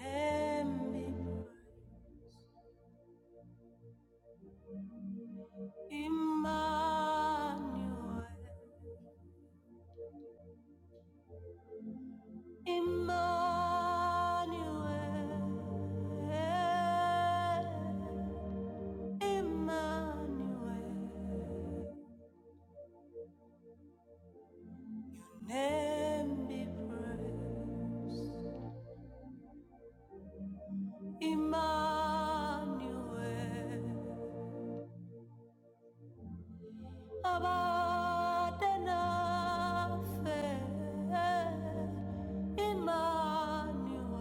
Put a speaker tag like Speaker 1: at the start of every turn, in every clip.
Speaker 1: Emmanuel, Emmanuel, Emmanuel, name be praised. Emmanuel, Abadana Emmanuel.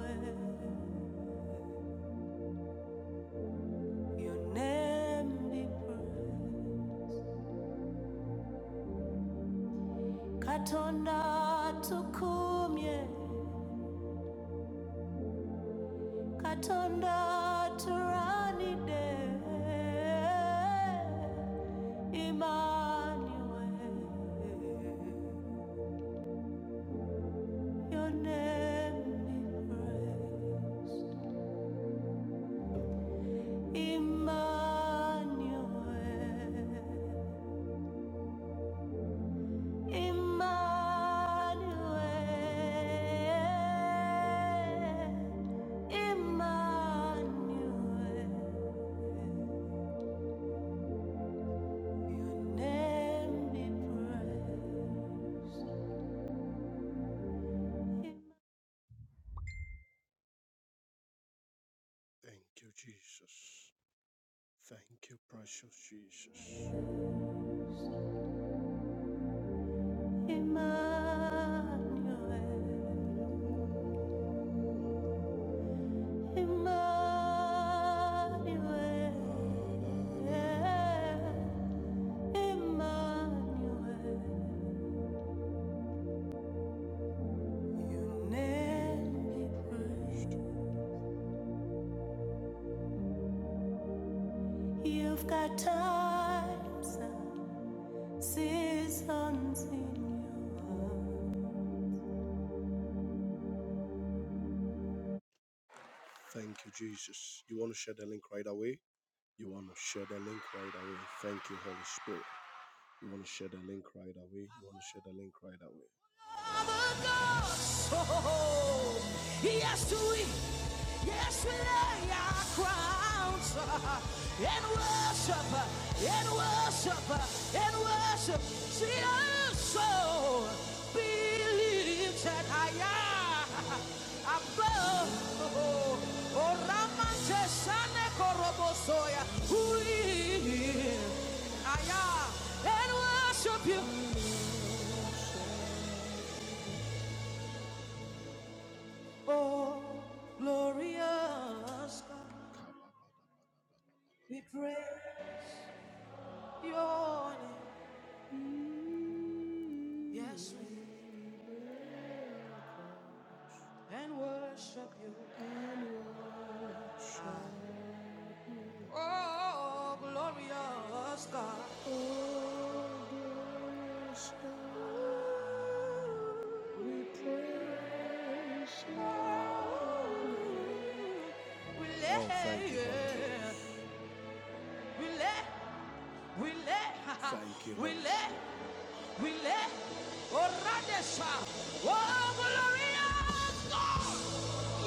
Speaker 1: Your name be praised. Katonda tukumye, Katonda turanide, Emmanuel. Your name be praised, Emmanuel. Emmanuel, Emmanuel, your name be praised. Thank you, Jesus. Thank you, precious Jesus. Emmanuel, Emmanuel. yeah. Emmanuel, you nearly pushed. You've got times and seasons in your heart. Thank you, Jesus. You want to share the link right away? You want to share the link right away. Thank you, Holy Spirit. You want to share the link right away? You want to share the link right away? Oh, Yes, we, yes, we lay our crowns uh, and worship, uh, and worship, uh, and worship. See our soul that I am above. Oh, oh, Ramante Sane Korobosoya. I am and worship you. Oh, glorious God, we pray your name. Yes, we and worship you. God. Oh, glorious God. Oh, glorious God, we praise you. We lay, Oh, yeah. we lay, we lay, we Holy lay, We let Oradesha. Oh, glorious God!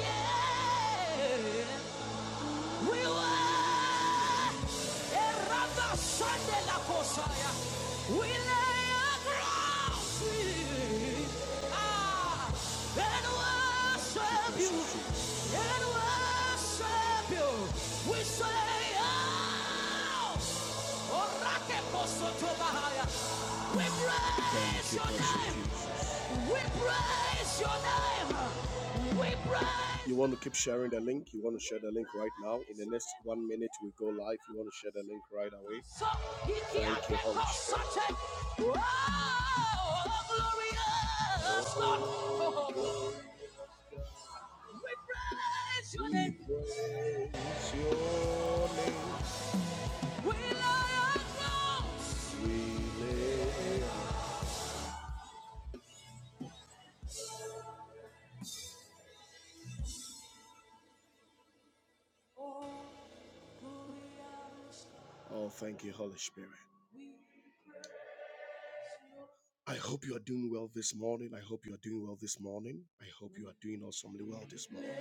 Speaker 1: Yeah! We were we lay our crowns here. Ah, and worship you. And worship you. We say, oh, Orake koso to bahaya. We praise your name. We praise your name. We praise. You want to keep sharing the link? You want to share the link right now? In the next one minute, we go live. You want to share the link right away? So Thank you, Holy Spirit. Oh, glorious Lord. Oh. We praise your name. We praise your name. We lay our crowns. We lay- Oh, thank you, Holy Spirit. I hope you are doing well this morning. I hope you are doing well this morning. I hope you are doing awesomely well this morning.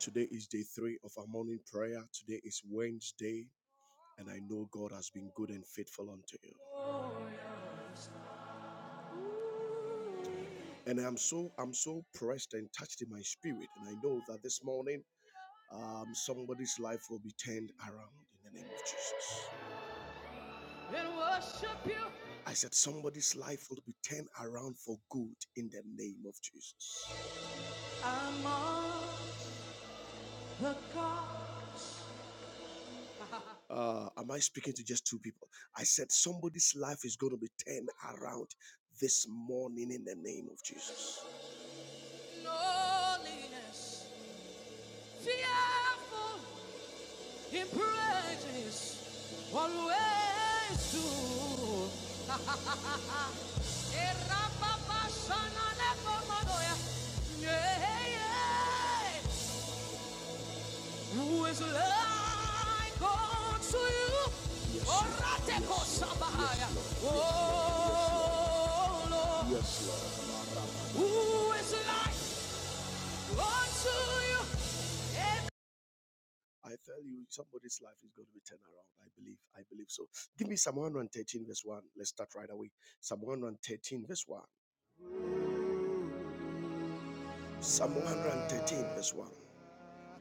Speaker 1: Today is day three of our morning prayer. Today is Wednesday, and I know God has been good and faithful unto you. And I'm so I'm so pressed and touched in my spirit, and I know that this morning um, somebody's life will be turned around in the name of Jesus. And worship you. I said somebody's life will be turned around for good in the name of Jesus. I'm on. Uh, am I speaking to just two people? I said somebody's life is going to be turned around this morning in the name of Jesus. Loneliness, fearful in praises, always true. Yeah, yeah. Who is like unto you? Yes, Lord. Orateko Yes, Lord. sabahaya. Yes, Yes, Yes, Oh Lord, Yes, Lord. who is like unto you? I tell you, somebody's life is going to be turned around. I believe. I believe so. Give me Psalm 113, verse 1. Let's start right away. Psalm 113, verse 1. Psalm 113, verse 1.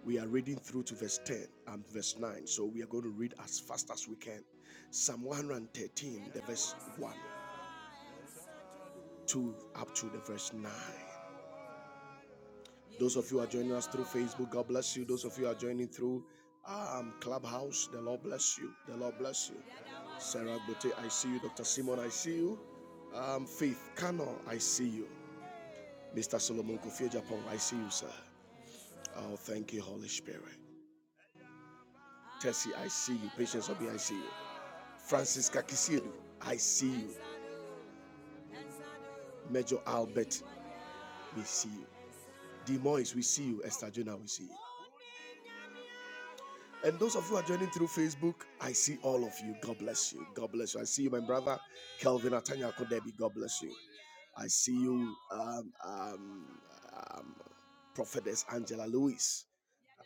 Speaker 1: We are reading through to verse 10 and verse 9, so we are going to read as fast as we can. Psalm 113, the verse 1, 2, up to the verse 9. Those of you are joining us through Facebook, God bless you. Those of you are joining through um, Clubhouse, the Lord bless you. The Lord bless you. Sarah Bote, I see you. Dr. Simon, I see you. Um, Faith Kano, I see you. Mr. Solomon Kofi Japan, I see you, sir. Oh, thank you, Holy Spirit. Tessie, I see you. Patience, Obi, I see you. Francis Kakisiedu, I see you. Major Albert, we see you. Demois, we see you. Esther Jonah, we see you. And those of you who are joining through Facebook, I see all of you. God bless you. God bless you. I see you, my brother, Kelvin Atanya Kodebi. God bless you. I see you, um, um, um, Prophetess Angela Lewis.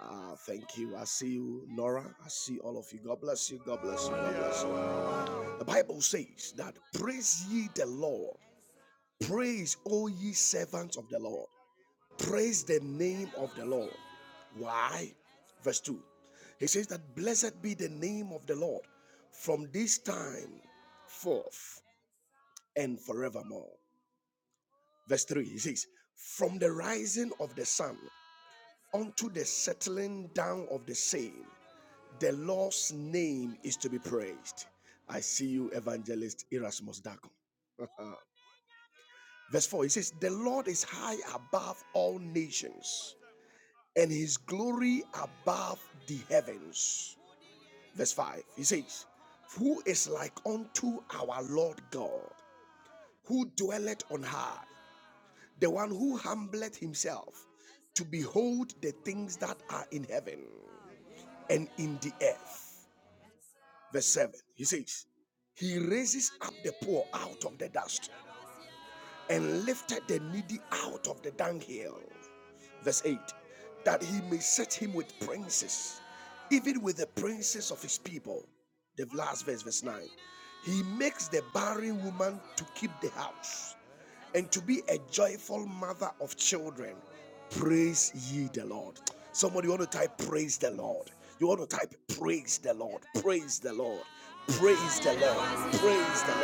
Speaker 1: Uh, thank you. I see you, Nora. I see all of you. God bless you. God bless you. God bless you. The Bible says that praise ye the Lord. Praise, O ye servants of the Lord. Praise the name of the Lord. Why? Verse 2. He says that blessed be the name of the Lord from this time forth and forevermore. Verse 3. He says, From the rising of the sun unto the settling down of the same, the Lord's name is to be praised. I see you, evangelist Erasmus Dagon. Verse 4, he says, The Lord is high above all nations. and his glory above the heavens. Verse 5, he says, Who is like unto our Lord God, who dwelleth on high, the one who humbleth himself to behold the things that are in heaven and in the earth? Verse 7, he says, He raises up the poor out of the dust and lifted the needy out of the dunghill. Verse 8 that he may set him with princes, even with the princes of his people. The last verse, verse 9. He makes the barren woman to keep the house and to be a joyful mother of children. Praise ye the Lord. Somebody want to type praise the Lord. You want to type praise the Lord. Praise the Lord. Praise the Lord. Praise the,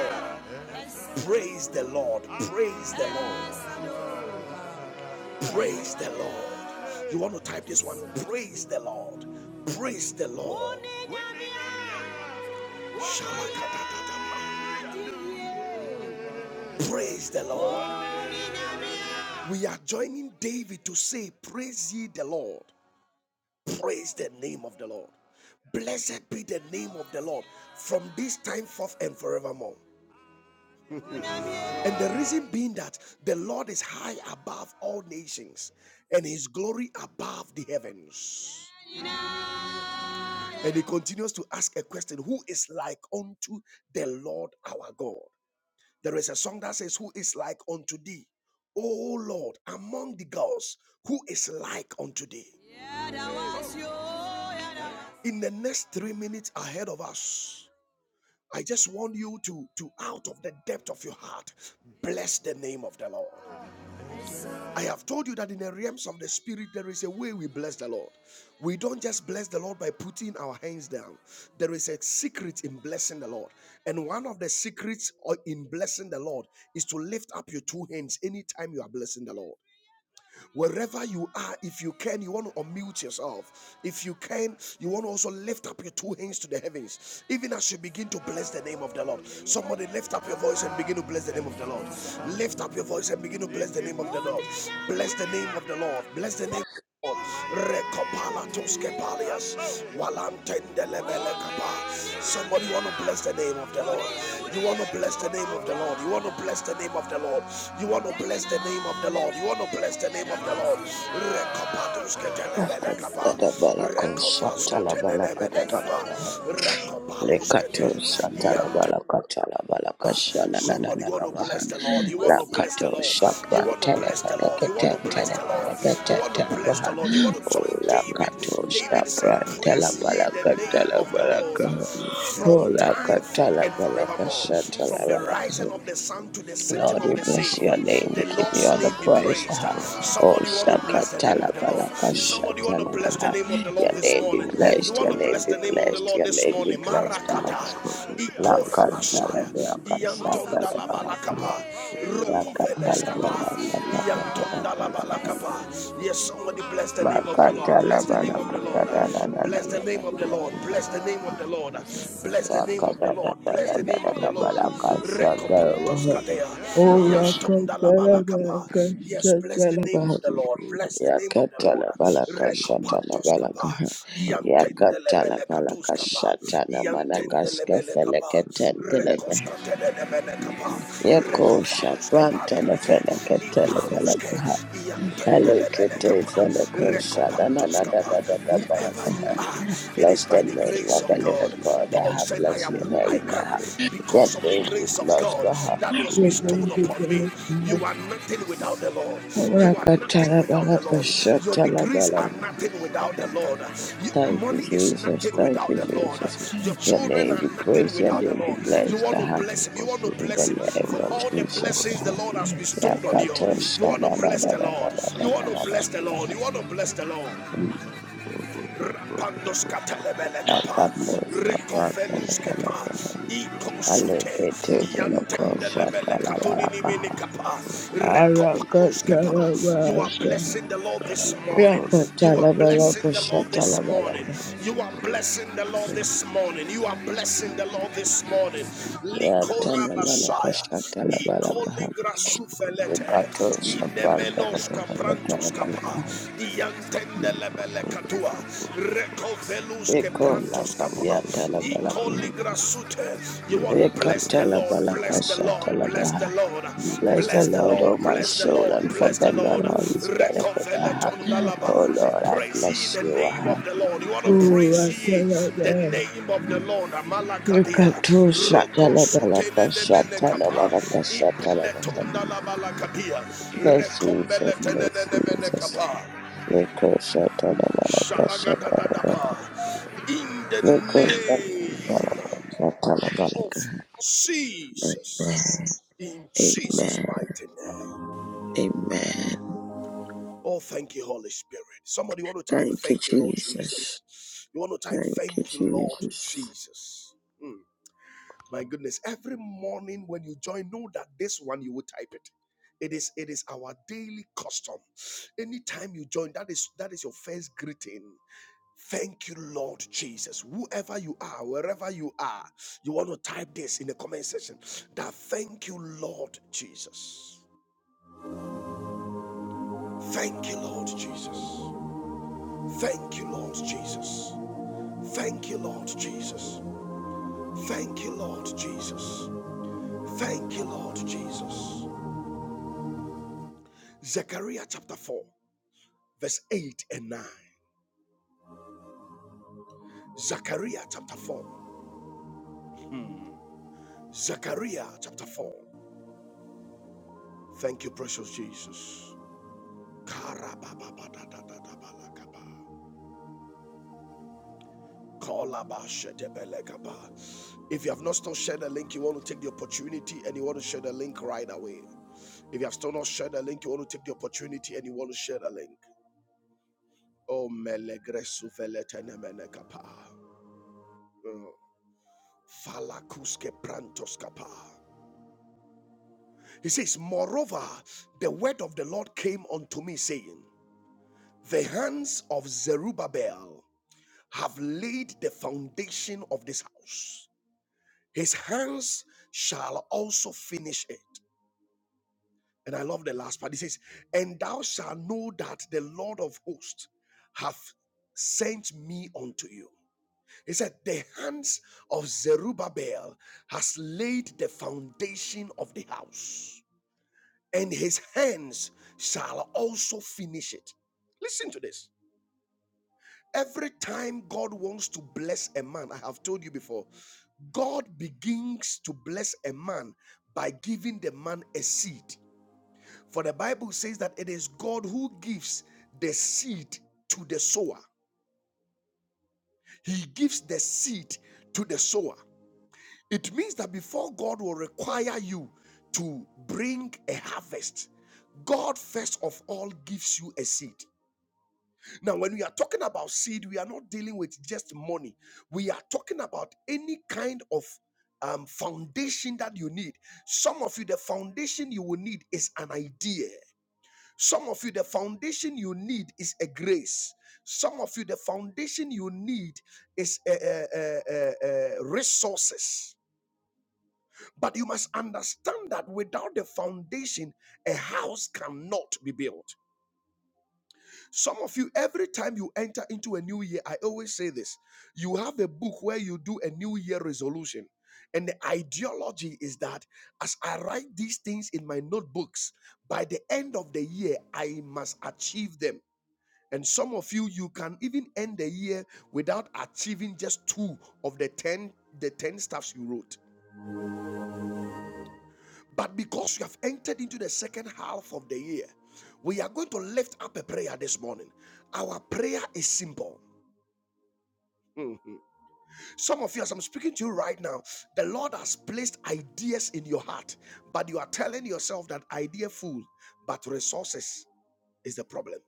Speaker 1: praise the Lord. Praise the Lord. This one praise. We are joining David to say, Praise ye the Lord. Praise the Lord. Blessed be the name of the Lord from this time forth and forevermore. And the reason being that the Lord is high above all nations and his glory above the heavens. And he continues to ask a question Who is like unto the Lord our God? There is a song that says, Who is like unto thee? O Lord, among the gods, who is like unto thee? In the next three minutes ahead of us, I just want you to, to out of the depth of your heart, bless the name of the Lord. I have told you that in the realms of the spirit, there is a way we bless the Lord. We don't just bless the Lord by putting our hands down. There is a secret in blessing the Lord. And one of the secrets uh, in blessing the Lord is to lift up your two hands anytime you are blessing the Lord. Wherever you are, if you can, you want to unmute yourself. If you can, you want to also lift up your two hands to the heavens, even as you begin to bless the name of the Lord. Somebody lift up your voice and begin to bless the name of the Lord. Lift up your voice and begin to bless the name of the Lord. Bless the name of the Lord. Bless the name. Somebody want to bless the name of the Lord. You want to bless the name of the Lord. You want to bless the name of the Lord. You want to bless the name of the Lord. You want to bless the name of the Lord. Recopatus
Speaker 2: Balako Shatala Balaka da da da Baha Lekato
Speaker 3: Jesus,
Speaker 2: Shatala
Speaker 3: come
Speaker 2: Balaka Tala Balaka
Speaker 3: be
Speaker 2: Shana na na
Speaker 1: Somebody
Speaker 2: na
Speaker 1: want
Speaker 2: na
Speaker 1: to
Speaker 3: praise
Speaker 2: Baha
Speaker 1: bless
Speaker 3: be
Speaker 1: the
Speaker 3: to
Speaker 1: Lord. You
Speaker 3: you,
Speaker 1: want to bless the
Speaker 2: Lakato
Speaker 1: Lord. You
Speaker 2: Shapran
Speaker 1: want to bless the Lord. You want to
Speaker 2: Telefeneketen
Speaker 3: Tell
Speaker 1: bless the Lord. You
Speaker 2: Telefeneketen
Speaker 1: want to
Speaker 3: for
Speaker 1: bless the
Speaker 2: Telebaha
Speaker 1: Lord. You want
Speaker 3: today,
Speaker 1: to
Speaker 2: O
Speaker 3: man,
Speaker 1: join
Speaker 3: spread
Speaker 1: David.
Speaker 3: what
Speaker 2: Lakato
Speaker 3: you think,
Speaker 1: David said,
Speaker 3: and
Speaker 2: Shapran
Speaker 1: Praise
Speaker 3: it's
Speaker 1: ye
Speaker 3: not
Speaker 1: the
Speaker 2: Telebalaka
Speaker 3: you,
Speaker 2: balaka,
Speaker 1: name
Speaker 2: Tela
Speaker 1: of the Lord
Speaker 3: but
Speaker 2: Balaka.
Speaker 3: bless you,
Speaker 1: from
Speaker 2: O
Speaker 3: but
Speaker 1: time forth
Speaker 2: Lakatala
Speaker 1: and
Speaker 2: Balaka
Speaker 1: forevermore.
Speaker 3: there is
Speaker 1: From
Speaker 2: Shatala
Speaker 3: none
Speaker 1: the
Speaker 2: Balaka
Speaker 3: like
Speaker 1: rising
Speaker 3: you.
Speaker 1: of the sun to the setting
Speaker 2: Lord,
Speaker 1: of
Speaker 2: we
Speaker 1: the
Speaker 3: We
Speaker 2: bless
Speaker 3: come,
Speaker 1: same.
Speaker 2: your
Speaker 3: my
Speaker 2: name.
Speaker 3: son,
Speaker 1: The
Speaker 2: We
Speaker 3: did
Speaker 2: give
Speaker 3: you
Speaker 2: you
Speaker 1: Lord's
Speaker 2: all the
Speaker 3: pop,
Speaker 1: name be
Speaker 3: we don't
Speaker 2: praise.
Speaker 1: praised.
Speaker 3: come,
Speaker 2: Ah.
Speaker 3: my son,
Speaker 2: Oh,
Speaker 1: Somebody want to
Speaker 3: did you
Speaker 1: bless the
Speaker 3: need
Speaker 1: name
Speaker 2: Shakatala
Speaker 1: of
Speaker 3: one?
Speaker 1: the Lord.
Speaker 2: Balaka
Speaker 3: We
Speaker 1: Somebody
Speaker 3: come,
Speaker 1: want to
Speaker 3: my
Speaker 2: Shatala
Speaker 1: bless the
Speaker 3: daddy,
Speaker 2: Maha.
Speaker 1: name of the Lord
Speaker 2: Your
Speaker 1: this
Speaker 3: daddy,
Speaker 2: name be
Speaker 3: we
Speaker 1: morning.
Speaker 3: don't
Speaker 1: You
Speaker 3: come,
Speaker 2: blessed.
Speaker 1: want
Speaker 2: Your
Speaker 3: my
Speaker 1: to
Speaker 2: name
Speaker 3: son,
Speaker 1: bless
Speaker 3: did
Speaker 2: be
Speaker 1: the
Speaker 3: you
Speaker 1: name of the
Speaker 2: blessed.
Speaker 1: Lord
Speaker 2: Your
Speaker 3: need
Speaker 1: this
Speaker 3: one?
Speaker 2: name be
Speaker 1: morning.
Speaker 2: blessed. Ah.
Speaker 1: Marakata,
Speaker 3: We come, my daddy, my
Speaker 1: Ikora
Speaker 3: son, did you need
Speaker 1: Messiah,
Speaker 3: one?
Speaker 2: Lakatala
Speaker 3: Daddy,
Speaker 2: Balaka
Speaker 3: daddy,
Speaker 1: Iantonda
Speaker 2: Shatala
Speaker 1: la
Speaker 2: Balaka.
Speaker 1: Balakapa,
Speaker 3: come, my daddy,
Speaker 2: Yakatala
Speaker 1: Rokofeleskapa,
Speaker 3: we go,
Speaker 2: Balaka
Speaker 3: go, we
Speaker 2: Shatala
Speaker 3: must, we
Speaker 1: Iantonda la
Speaker 3: don't need
Speaker 2: Balaka.
Speaker 3: one.
Speaker 1: Balakapa. Yes,
Speaker 3: Daddy, but
Speaker 1: somebody bless the name of
Speaker 3: blessed
Speaker 1: the Lord.
Speaker 3: be
Speaker 1: Bless
Speaker 2: Makatala
Speaker 3: to
Speaker 1: the name
Speaker 3: you,
Speaker 1: of the
Speaker 2: Balaka
Speaker 3: Lord.
Speaker 2: da da da da
Speaker 1: Lord.
Speaker 2: da
Speaker 1: Bless the
Speaker 2: da
Speaker 3: Idas
Speaker 2: da.
Speaker 1: name of
Speaker 3: is
Speaker 1: the Lord.
Speaker 3: upon the
Speaker 2: da.
Speaker 1: Bless the
Speaker 3: head
Speaker 1: name of
Speaker 3: from
Speaker 1: the Lord.
Speaker 3: the
Speaker 1: Bless the name of the
Speaker 2: Yakatala da
Speaker 1: Lord.
Speaker 2: da
Speaker 1: Bless
Speaker 2: da
Speaker 1: the
Speaker 2: da
Speaker 1: name
Speaker 2: da
Speaker 1: of the
Speaker 2: da
Speaker 3: cover
Speaker 1: Lord.
Speaker 3: some
Speaker 2: Balaka
Speaker 3: baby baba
Speaker 2: Shatala
Speaker 1: Rekopantos
Speaker 3: baba
Speaker 2: Maha.
Speaker 1: Kadea,
Speaker 2: Oh,
Speaker 3: Ida does not
Speaker 1: Iantonda
Speaker 3: at
Speaker 1: la
Speaker 3: the
Speaker 2: Lakatala
Speaker 3: earth, the
Speaker 1: Balakapa,
Speaker 2: Balaka
Speaker 3: economy
Speaker 1: Yes, bless
Speaker 3: it's
Speaker 1: the
Speaker 2: Shatala
Speaker 3: a
Speaker 1: name
Speaker 3: full
Speaker 1: of
Speaker 2: Maha.
Speaker 1: the Lord.
Speaker 3: store
Speaker 1: Bless the name of the
Speaker 3: I
Speaker 1: Lord.
Speaker 2: Yakatala
Speaker 3: bless
Speaker 2: balaka
Speaker 3: your
Speaker 2: shatala
Speaker 3: people
Speaker 1: Recopantos
Speaker 3: Lord
Speaker 1: kapa.
Speaker 2: balaka
Speaker 3: I magnify
Speaker 2: yakatala
Speaker 1: Iantendelebele
Speaker 3: your name
Speaker 1: katus
Speaker 2: balaka
Speaker 3: O
Speaker 1: kapa.
Speaker 3: Lord
Speaker 2: shatala
Speaker 3: O Lord
Speaker 2: manakaske
Speaker 1: Iantendelebele kapa.
Speaker 2: feleke
Speaker 3: I long
Speaker 2: tentele
Speaker 3: to do
Speaker 2: mehe
Speaker 3: so like
Speaker 1: Recoskatelebele
Speaker 3: you the
Speaker 1: kapa.
Speaker 3: cover
Speaker 2: yako
Speaker 3: some
Speaker 1: Recovalus
Speaker 3: baby
Speaker 2: shabrante ne
Speaker 1: kepaliante.
Speaker 2: feleke tele
Speaker 3: Lord I
Speaker 1: Ipaluske.
Speaker 2: balaka
Speaker 3: pray about
Speaker 2: alike
Speaker 3: the
Speaker 1: Iantendelebele
Speaker 2: te
Speaker 1: kapa.
Speaker 2: feleke shadana
Speaker 3: Recover
Speaker 1: Recopantos
Speaker 2: na da
Speaker 1: kapa.
Speaker 2: da
Speaker 3: Sunday,
Speaker 2: da da
Speaker 1: Whoever
Speaker 2: balaka
Speaker 1: you are,
Speaker 3: and
Speaker 1: it is
Speaker 2: bless the
Speaker 1: by the
Speaker 2: name
Speaker 1: grace
Speaker 3: Jehovah
Speaker 2: of
Speaker 1: of
Speaker 2: the
Speaker 1: God.
Speaker 2: living
Speaker 3: Nissi,
Speaker 2: God I
Speaker 1: Paul
Speaker 2: have
Speaker 1: said,
Speaker 3: Jehovah
Speaker 1: I
Speaker 2: blessed
Speaker 1: am
Speaker 2: your
Speaker 1: who
Speaker 3: Jireh,
Speaker 1: I
Speaker 2: name
Speaker 1: I am
Speaker 2: I
Speaker 3: El
Speaker 2: have- your
Speaker 1: because
Speaker 3: Shaddai,
Speaker 1: of the
Speaker 2: name be
Speaker 1: grace of
Speaker 2: blessed
Speaker 1: God
Speaker 3: Adonai,
Speaker 2: ah.
Speaker 1: that was
Speaker 2: your
Speaker 3: O
Speaker 2: name
Speaker 1: bestowed
Speaker 2: be
Speaker 1: upon
Speaker 3: Lord,
Speaker 1: me.
Speaker 2: blessed
Speaker 1: You are
Speaker 2: ah.
Speaker 3: Jehovah
Speaker 1: nothing without
Speaker 3: Kodesh,
Speaker 1: the Lord.
Speaker 3: O
Speaker 1: You are
Speaker 3: Lord,
Speaker 1: nothing
Speaker 2: Rakatala balaka tala
Speaker 1: without
Speaker 3: I
Speaker 1: the
Speaker 2: balaka
Speaker 1: Lord.
Speaker 3: pray
Speaker 1: Your
Speaker 2: shatala
Speaker 3: for
Speaker 1: degrees are
Speaker 3: that
Speaker 2: balaka
Speaker 3: bless
Speaker 1: nothing
Speaker 3: your
Speaker 1: without the
Speaker 3: holy
Speaker 1: Lord. You-
Speaker 2: Thank you,
Speaker 1: money
Speaker 3: name,
Speaker 1: is
Speaker 2: Jesus.
Speaker 1: nothing
Speaker 2: Thank
Speaker 3: Recover
Speaker 1: without
Speaker 2: you,
Speaker 1: the
Speaker 3: the
Speaker 1: Lord.
Speaker 2: Jesus.
Speaker 1: Your
Speaker 2: Your
Speaker 1: children
Speaker 2: name
Speaker 1: are
Speaker 2: be
Speaker 3: Sunday,
Speaker 1: nothing
Speaker 2: praised. Your
Speaker 1: without the
Speaker 2: name be
Speaker 1: Lord. You
Speaker 2: blessed.
Speaker 1: want to
Speaker 2: Uh-huh.
Speaker 1: bless Him. You
Speaker 3: Recover
Speaker 1: want to
Speaker 2: In the
Speaker 1: bless Him
Speaker 3: Sunday,
Speaker 2: name
Speaker 1: for
Speaker 2: of
Speaker 3: Baba,
Speaker 1: all the
Speaker 3: Recover
Speaker 2: Jesus.
Speaker 1: blessings the
Speaker 2: Uh-huh.
Speaker 1: Lord
Speaker 3: Sunday,
Speaker 1: has bestowed on you. You
Speaker 2: Yakatosha da
Speaker 3: Recover
Speaker 1: want
Speaker 2: da
Speaker 1: to
Speaker 2: da
Speaker 1: bless
Speaker 2: da
Speaker 1: the
Speaker 2: da da
Speaker 1: Lord.
Speaker 3: Sunday,
Speaker 2: da
Speaker 1: You
Speaker 2: da
Speaker 1: want
Speaker 2: da
Speaker 1: to
Speaker 2: da
Speaker 3: Lekapa
Speaker 1: bless the
Speaker 2: da.
Speaker 1: Lord. You
Speaker 3: Sunday,
Speaker 1: want to bless the Lord.
Speaker 3: Sunday,
Speaker 1: Rapandos katelebele kapa,
Speaker 2: Yakatosha pratele
Speaker 1: rekovelus kepa,
Speaker 2: felekehe.
Speaker 1: ikosute,
Speaker 2: Aleke teke lokosha
Speaker 1: yantendelebele katunini mini
Speaker 2: talabalakaha.
Speaker 1: kapa, rekopalus You are
Speaker 2: Arakatalabalakaha.
Speaker 1: blessing the Lord this morning. You are blessing the
Speaker 2: Yakatalabalakasha
Speaker 1: Lord this morning.
Speaker 2: talabalakaha.
Speaker 1: You are blessing the Lord this morning. You are blessing the Lord this morning. Likora Messiah,
Speaker 2: Yatanamalakasha talabalakaha.
Speaker 1: ikoligra sufelete,
Speaker 2: Ipato Shabranta
Speaker 1: inemenos kaprantos kapa,
Speaker 2: balaka,
Speaker 1: Melebele katua. Recovelus ke
Speaker 2: Eko la
Speaker 1: kapa.
Speaker 2: Padiata Labalaka.
Speaker 1: Ikoligra sute. You want to
Speaker 2: Eko
Speaker 1: bless the Lord,
Speaker 2: Talabalaka
Speaker 1: bless the Lord, bless the
Speaker 2: Shatalabaha.
Speaker 1: Lord,
Speaker 2: Bless the
Speaker 1: bless the
Speaker 2: Lord,
Speaker 1: Lord,
Speaker 2: oh my
Speaker 1: bless the
Speaker 2: soul,
Speaker 1: Lord,
Speaker 2: and
Speaker 1: bless the
Speaker 2: forget not
Speaker 1: Lord.
Speaker 2: all his benefit I
Speaker 1: Recovele
Speaker 2: have.
Speaker 1: tondalaba.
Speaker 2: Oh Lord, I
Speaker 1: Praise ye
Speaker 2: bless
Speaker 1: the
Speaker 2: you.
Speaker 1: name
Speaker 2: Aha.
Speaker 1: of the Lord. You want to
Speaker 2: Oh,
Speaker 1: praise ye the
Speaker 2: Ratalabaha.
Speaker 1: name of the Lord. Amalakadia.
Speaker 2: Ekato
Speaker 1: Roko sute
Speaker 2: Shatalabalaka
Speaker 1: lelebele kapa.
Speaker 2: Shatalabalaka
Speaker 1: Ipele
Speaker 2: Shatalabaha.
Speaker 1: tondalaba lakadia.
Speaker 2: Bless
Speaker 1: Rekombele
Speaker 2: Jesus, bless
Speaker 1: tenenenemene
Speaker 2: Jesus.
Speaker 1: kapa.
Speaker 2: Eko Shatalabalaka Shatalabaha.
Speaker 1: In the
Speaker 2: Amen.
Speaker 1: name of Jesus. In Jesus'
Speaker 2: Amen.
Speaker 1: mighty name.
Speaker 2: Amen.
Speaker 1: Oh, thank you, Holy Spirit. Somebody want to type,
Speaker 2: Thank you,
Speaker 1: Thank you, Lord
Speaker 2: Jesus.
Speaker 1: Jesus. You want to type,
Speaker 2: Thank you,
Speaker 1: Thank you, Lord
Speaker 2: Jesus.
Speaker 1: Jesus. Mm, my goodness. Every morning when you join, know that this one you will type it. It is it is our daily custom. Anytime you join, that is that is your first greeting. Thank you, Lord Jesus. Whoever you are, wherever you are, you want to type this in the comment section that thank you, Lord Jesus. Thank you, Lord Jesus. Thank you, Lord Jesus. Thank you, Lord Jesus. Thank you, Lord Jesus. Thank you, Lord Jesus. Zechariah chapter 4, verse 8 and 9. Zechariah chapter 4. Zechariah chapter 4. Thank you, precious Jesus. Karababadadadabalakaba. If you have not still shared the link, you want to take the opportunity and you want to share the link right away. If you have still not shared the link, you want to take the opportunity and you want to share the link. Oh, melegresu veletenemenekapa. Mm. Falakuske prantoskapa. He says, Moreover, the word of the Lord came unto me, saying, The hands of Zerubbabel have laid the foundation of this house His hands shall also finish it. And I love the last part. He says, And thou shalt know that the Lord of hosts hath sent me unto you. He said, The hands of Zerubbabel has laid the foundation of the house, and his hands shall also finish it. Listen to this. Every time God wants to bless a man, I have told you before, God begins to bless a man by giving the man a seed. For the Bible says that it is God who gives the seed to the sower, He gives the seed to the sower. It means that before God will require you to bring a harvest, God first of all gives you a seed. Now, when we are talking about seed, we are not dealing with just money. We are talking about any kind of um, foundation that you need. Some of you, the foundation you will need is an idea. Some of you, the foundation you need is a grace. Some of you, the foundation you need is uh, uh, uh, uh, uh, resources. But you must understand that without the foundation, a house cannot be built. Some of you, every time you enter into a new year, I always say this you have a book where you do a new year resolution. And the ideology is that as I write these things in my notebooks, by the end of the year, I must achieve them. And some of you, you can even end the year without achieving just two of the 10, the 10 stuffs you wrote. But because you have entered into the second half of the year, we are going to lift up a prayer this morning. Our prayer is simple. Mhm. Some of you, as I'm speaking to you right now, the Lord has placed ideas in your heart, but you are telling yourself that idea fool, but resources is the problem.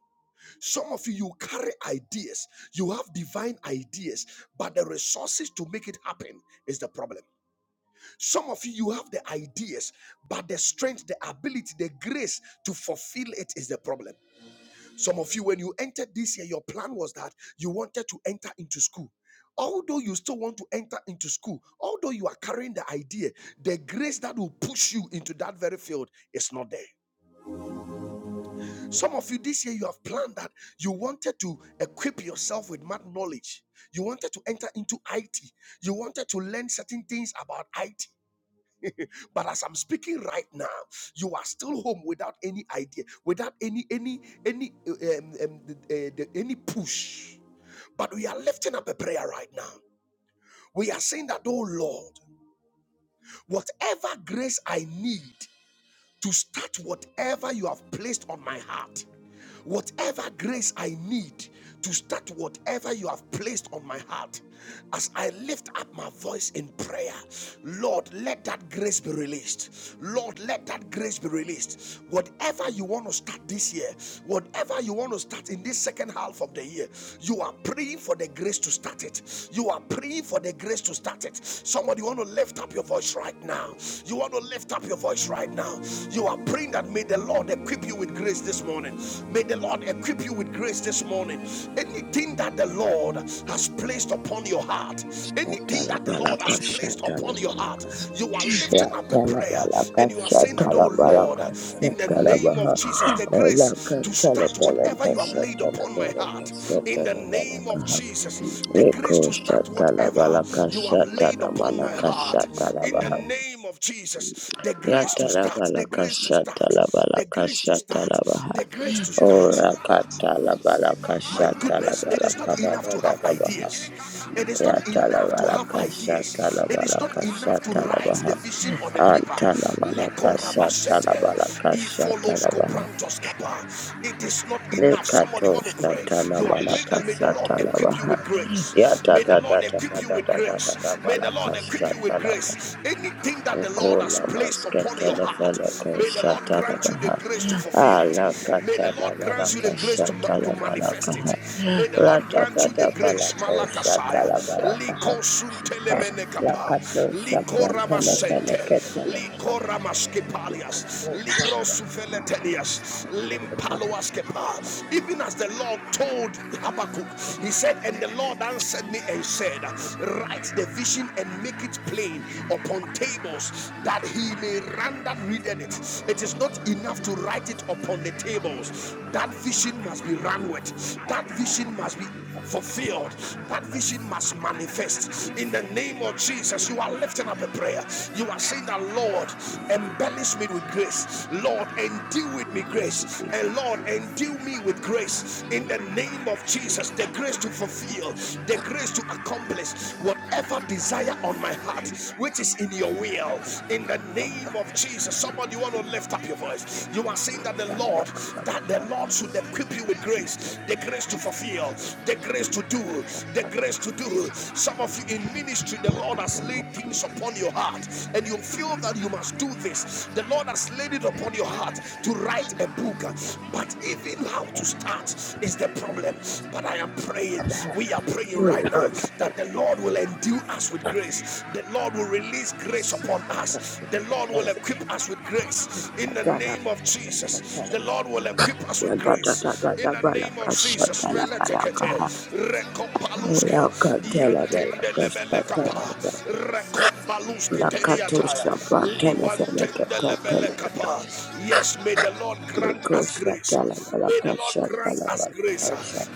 Speaker 1: Some of you, you carry ideas, you have divine ideas, but the resources to make it happen is the problem. Some of you, you have the ideas, but the strength, the ability, the grace to fulfill it is the problem. Some of you, when you entered this year, your plan was that you wanted to enter into school. Although you still want to enter into school, although you are carrying the idea, the grace that will push you into that very field is not there. Some of you this year, you have planned that you wanted to equip yourself with math knowledge. You wanted to enter into IT. You wanted to learn certain things about IT. But as I'm speaking right now, you are still home without any idea, without any any any uh, um, um, uh, the- any push. But we are lifting up a prayer right now. We are saying that, oh Lord, whatever grace I need to start whatever you have placed on my heart, whatever grace I need to start whatever you have placed on my heart, as I lift up my voice in prayer, Lord, let that grace be released. Lord, let that grace be released. Whatever you want to start this year, whatever you want to start in this second half of the year, You. You are praying for the grace to start it. You are praying for the grace to start it. Somebody, you want to lift up your voice right now. You want to lift up your voice right now. You are praying that may the Lord equip you with grace this morning. May the Lord equip you with grace this morning. Anything that the Lord has placed upon your heart, anything that the Lord
Speaker 2: Shatalabalaka,
Speaker 1: has placed upon your heart,
Speaker 2: shatalabalaka,
Speaker 1: you are lifting up a prayer
Speaker 2: shatalabalaka,
Speaker 1: and you are saying that, oh Lord,
Speaker 2: shatalabalaka,
Speaker 1: in the
Speaker 3: Jesus,
Speaker 1: name
Speaker 3: you
Speaker 2: shatalabaha.
Speaker 1: of Jesus, the
Speaker 3: come
Speaker 1: grace
Speaker 2: Olaka,
Speaker 1: to start whatever
Speaker 2: talabalaka,
Speaker 1: you have laid upon my
Speaker 2: shatalabalaka,
Speaker 1: heart, in the name of
Speaker 2: shatalabalaka.
Speaker 1: Jesus, the grace
Speaker 2: Liko,
Speaker 1: to start whatever
Speaker 2: shatalabalaka,
Speaker 1: you have laid
Speaker 3: and deliver
Speaker 1: upon my
Speaker 2: shatalabalaka,
Speaker 3: the
Speaker 1: heart, in the
Speaker 2: shatalabaha.
Speaker 1: name of Jesus, the grace to start,
Speaker 2: Yatalabala
Speaker 1: the grace to start, the grace to start, the grace
Speaker 2: Ora
Speaker 1: to
Speaker 2: katala
Speaker 1: start,
Speaker 2: bala
Speaker 1: my
Speaker 2: kashata la
Speaker 1: goodness, it
Speaker 2: bala
Speaker 1: is not
Speaker 2: kada
Speaker 1: enough
Speaker 2: da
Speaker 1: to
Speaker 2: da
Speaker 1: have
Speaker 2: da baha.
Speaker 1: ideas. It is not
Speaker 2: Yatala
Speaker 1: enough to
Speaker 2: bala
Speaker 1: have
Speaker 2: kashata
Speaker 1: ideas.
Speaker 2: la
Speaker 1: It is
Speaker 2: bala
Speaker 1: not enough to
Speaker 2: kashata la
Speaker 1: write
Speaker 2: baha.
Speaker 1: the vision on the paper.
Speaker 2: Antala mana kasha la bala kasha la baha.
Speaker 1: It is not enough. Somebody
Speaker 2: Lekato
Speaker 1: want to pray.
Speaker 2: shata na
Speaker 1: You are
Speaker 2: mana
Speaker 1: praying that may the Lord
Speaker 2: kashata la
Speaker 1: equip you
Speaker 2: baha.
Speaker 1: with grace.
Speaker 2: Yata
Speaker 1: May the
Speaker 2: da da
Speaker 1: Lord
Speaker 2: da
Speaker 1: equip
Speaker 2: da
Speaker 1: you
Speaker 2: da
Speaker 1: with
Speaker 2: da da da da
Speaker 1: grace. May
Speaker 2: bala
Speaker 1: the Lord equip you with
Speaker 2: kashata
Speaker 1: grace. Anything that the Lord
Speaker 2: Kola
Speaker 1: has placed upon your
Speaker 2: maskatele
Speaker 1: heart,
Speaker 2: fele ko
Speaker 1: may the Lord
Speaker 2: shatala
Speaker 1: grant you the
Speaker 2: baha.
Speaker 1: grace to fulfill it.
Speaker 2: Ala
Speaker 1: May the the
Speaker 2: katala
Speaker 1: Lord grant you
Speaker 2: balaka
Speaker 1: the grace to, ma- to
Speaker 2: shatala balaka
Speaker 1: manifest
Speaker 2: ha.
Speaker 1: it. May the Lord grant you
Speaker 2: Ratatata
Speaker 1: the grace.
Speaker 2: balako
Speaker 1: Malakasaya.
Speaker 2: shatala balaka ha.
Speaker 1: Liko suntelemene kapa.
Speaker 2: Lakato
Speaker 1: Liko
Speaker 2: shaprantele
Speaker 1: ramasente.
Speaker 2: fele ketele.
Speaker 1: Liko ramaskepalias. Ligro sufeletelias. Limpaloaskepa. Even as the Lord told Habakkuk, he said, And the Lord answered me and said, Write the vision and make it plain upon tables that he may run that readeth it. It is not not enough to write it upon the tables. That vision must be run with, that vision must be fulfilled. That vision must manifest in the name of Jesus. You are lifting up a prayer. You are saying that, Lord, embellish me with grace. Lord, endue with me grace. And Lord, endue me with grace
Speaker 3: Thank
Speaker 1: in the
Speaker 3: you.
Speaker 1: name of
Speaker 3: Your
Speaker 1: Jesus. The
Speaker 3: grace
Speaker 1: grace to
Speaker 3: upon me,
Speaker 1: fulfill, the grace to accomplish
Speaker 3: Jesus.
Speaker 1: whatever desire on my heart,
Speaker 3: fulfill,
Speaker 1: which is in your
Speaker 3: please
Speaker 1: will.
Speaker 3: love,
Speaker 1: In the
Speaker 3: confess, and
Speaker 1: name name
Speaker 3: please.
Speaker 1: of Jesus.
Speaker 3: Please have
Speaker 1: Somebody, you want to lift up your voice. You are saying
Speaker 3: that
Speaker 1: that the
Speaker 3: you in
Speaker 1: Lord,
Speaker 3: the world of
Speaker 1: that the Lord should equip you with
Speaker 3: business in the
Speaker 1: grace, the
Speaker 3: name of
Speaker 1: grace to fulfill,
Speaker 3: Jesus.
Speaker 1: the grace
Speaker 3: May
Speaker 1: to do,
Speaker 3: progress
Speaker 1: the
Speaker 3: and
Speaker 1: grace to do. Some of
Speaker 3: may
Speaker 1: you in
Speaker 3: progress
Speaker 1: ministry, the Lord has
Speaker 3: and
Speaker 1: laid things upon your heart, and you feel that you
Speaker 3: progress
Speaker 1: must do this. The Lord has laid it upon your heart to write
Speaker 3: and
Speaker 1: a book,
Speaker 3: progress
Speaker 1: but even how to start is the problem. But I am praying, we are praying right now that the Lord will endue us with grace. The Lord will release grace upon us. The Lord will equip us with
Speaker 3: and
Speaker 1: grace in the name of
Speaker 3: Thank you.
Speaker 1: Jesus. The Lord will equip us with grace in
Speaker 2: Ratatata
Speaker 1: the name of
Speaker 2: balaka
Speaker 1: Jesus.
Speaker 2: shatala balaka
Speaker 1: Meletekete,
Speaker 2: ha.
Speaker 1: rekopaluske,
Speaker 2: Lakatala balaka shatala
Speaker 1: yantendelebelekapa,
Speaker 2: balaka.
Speaker 1: rekopaluske
Speaker 2: Lakato
Speaker 1: teniataya,
Speaker 2: shaprantele fele ketele.
Speaker 1: liwantendelebelekapa. Yes, may the Lord grant us grace. May the Lord grant us grace.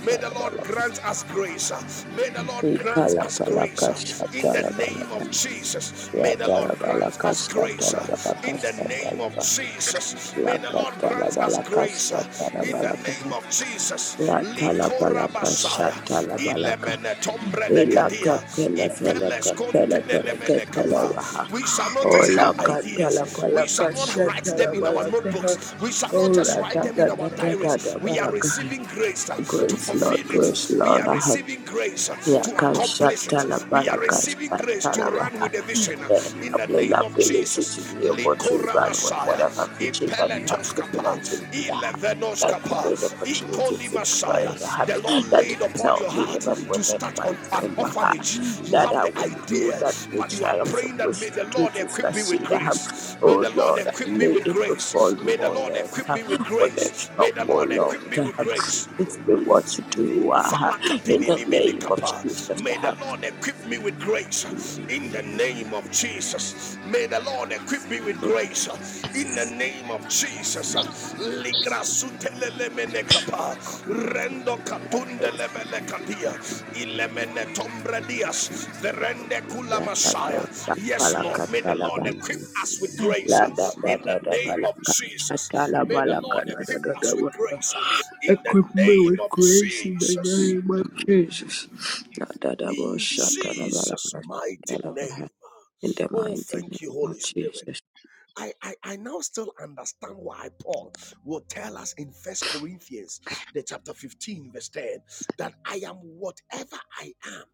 Speaker 1: May the Lord grant us grace. May the Lord grant us grace grace uh, in the name of Jesus. May the Lord grant us grace uh, in the name of Jesus. May the Lord grant us grace uh, in the name of Jesus. Likora basaya ilemene tombre de kedia ipeles kontenene mene kapa. We shall not just have ideas. We shall not write them in our notebooks. We shall
Speaker 2: Oh,
Speaker 1: not just
Speaker 2: la
Speaker 1: write
Speaker 2: da
Speaker 1: them in
Speaker 2: da da
Speaker 1: our
Speaker 2: da da
Speaker 1: diaries.
Speaker 2: da
Speaker 1: We are
Speaker 2: balaka.
Speaker 1: receiving grace uh, to
Speaker 2: Grace,
Speaker 1: fulfill
Speaker 2: Lord,
Speaker 1: it.
Speaker 2: grace,
Speaker 1: We are
Speaker 2: Lord.
Speaker 1: receiving
Speaker 2: I have
Speaker 1: receiving grace to accomplish it.
Speaker 2: Yakashatala
Speaker 1: We are
Speaker 3: Thank
Speaker 1: receiving grace to run
Speaker 2: Barakashatala
Speaker 1: with the vision
Speaker 2: and
Speaker 1: in the
Speaker 2: upon the
Speaker 1: name of
Speaker 2: ability
Speaker 1: Jesus.
Speaker 2: to be able to
Speaker 1: Likora
Speaker 2: run with
Speaker 1: Messiah,
Speaker 2: whatever vision that you have
Speaker 1: Ipeletos
Speaker 2: given
Speaker 1: Kapa,
Speaker 2: unto me. Yeah.
Speaker 1: Ilevenos
Speaker 2: That could
Speaker 1: Kapa,
Speaker 2: be the opportunity
Speaker 1: Ikoli
Speaker 2: to
Speaker 1: Messiah.
Speaker 2: pray. Yeah.
Speaker 1: The Lord
Speaker 2: That
Speaker 1: laid
Speaker 2: you
Speaker 1: upon
Speaker 2: tell
Speaker 1: your
Speaker 2: me
Speaker 1: heart
Speaker 2: even
Speaker 1: to
Speaker 2: within
Speaker 1: start
Speaker 2: my
Speaker 1: on an
Speaker 2: dream
Speaker 1: orphanage.
Speaker 2: yeah,
Speaker 1: You
Speaker 2: that
Speaker 1: have
Speaker 2: I
Speaker 1: the
Speaker 2: would do
Speaker 1: idea,
Speaker 2: that
Speaker 1: but
Speaker 2: which
Speaker 1: you
Speaker 2: I
Speaker 1: are
Speaker 2: am
Speaker 1: praying that may
Speaker 2: supposed to
Speaker 1: the
Speaker 2: do
Speaker 1: Lord
Speaker 2: to
Speaker 1: equip me with
Speaker 2: succeed. Yeah.
Speaker 1: grace. May
Speaker 2: Oh
Speaker 1: the Lord
Speaker 2: Lord, I
Speaker 1: equip me
Speaker 2: lay
Speaker 1: with
Speaker 2: it before
Speaker 1: grace.
Speaker 2: you,
Speaker 1: May the
Speaker 2: oh
Speaker 1: Lord
Speaker 2: Lord,
Speaker 1: equip
Speaker 2: yeah.
Speaker 1: me with
Speaker 2: with a
Speaker 1: grace.
Speaker 2: shop,
Speaker 1: May the
Speaker 2: oh
Speaker 1: Lord
Speaker 2: Lord.
Speaker 1: equip me
Speaker 2: yeah.
Speaker 1: with grace.
Speaker 2: Teach me what to do uh, in the name of Jesus.
Speaker 1: May the Lord equip me with grace in the name of Jesus. May the Lord equip me with grace in the name of Jesus.
Speaker 3: you.
Speaker 1: Ligrasutelelemenekapa. Rendo
Speaker 2: yeah.
Speaker 1: katundele Melekadia, Ilemene Tombra Dias, Verende Kula
Speaker 2: Equip
Speaker 1: Messiah. Yes, Lord, may the Lord equip us with grace uh, in the name of Jesus. May the Lord equip us with grace uh, in the
Speaker 2: me
Speaker 1: name
Speaker 2: with
Speaker 1: of
Speaker 2: grace in the
Speaker 1: Jesus.
Speaker 2: name of Jesus.
Speaker 1: In
Speaker 2: In
Speaker 1: Jesus' mighty name.
Speaker 2: the
Speaker 1: Oh,
Speaker 2: mighty name
Speaker 1: thank you,
Speaker 2: of
Speaker 1: Holy Spirit.
Speaker 2: Jesus.
Speaker 1: I, I, I now still understand why Paul will tell us in First Corinthians, the chapter 15, verse 10, that I am whatever I am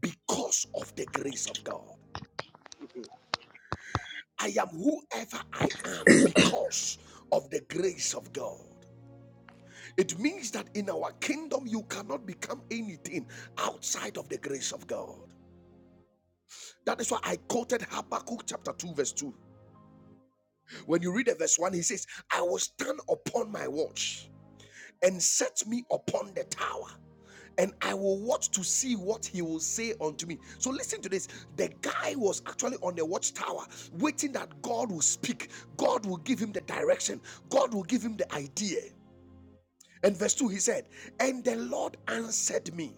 Speaker 1: because of the grace of God. I am whoever I am because of the grace of God. It means that in our kingdom, you cannot become anything outside of the grace of God. That is why I quoted Habakkuk chapter 2, verse 2. When you read the verse 1, he says, I will stand upon my watch and set me upon the tower and I will watch to see what he will say unto me. So listen to this. The guy was actually on the watchtower, waiting that God will speak. God will give him the direction. God will give him the idea. And verse 2, he said, And the Lord answered me.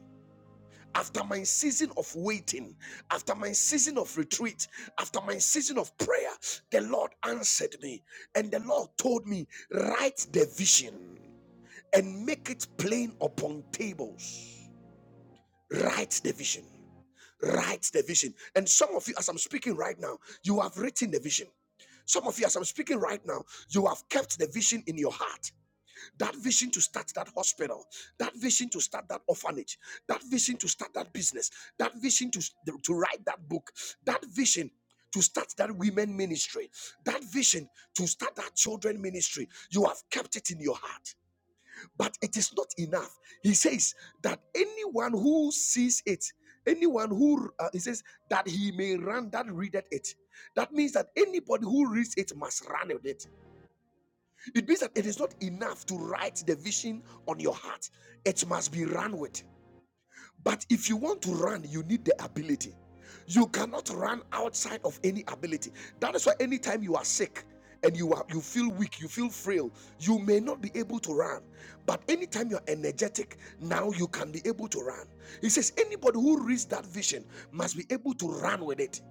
Speaker 1: After my season of waiting, after my season of retreat, after my season of prayer, the Lord answered me. And the Lord told me, Write the vision and make it plain upon tables. Write the vision. Write the vision. And some of you, as I'm speaking right now, you have written the vision. Some of you, as I'm speaking right now, you have kept the vision in your heart. That vision to start that hospital, that vision to start that orphanage, that vision to start that business, that vision to, to write that book, that vision to start that women ministry, that vision to start that children ministry. You have kept it in your heart but it is not enough. He says that anyone who sees it, anyone who uh, he says that he may run that readeth it. That means that anybody who reads it must run with it. It means that it is not enough to write the vision on your heart; it must be run with. But if you want to run, you need the ability. You cannot run outside of any ability. That is why anytime you are sick and you are you feel weak, you feel frail, you may not be able to run. But anytime you're energetic, now you can be able to run. He says, anybody who reads that vision must be able to run with it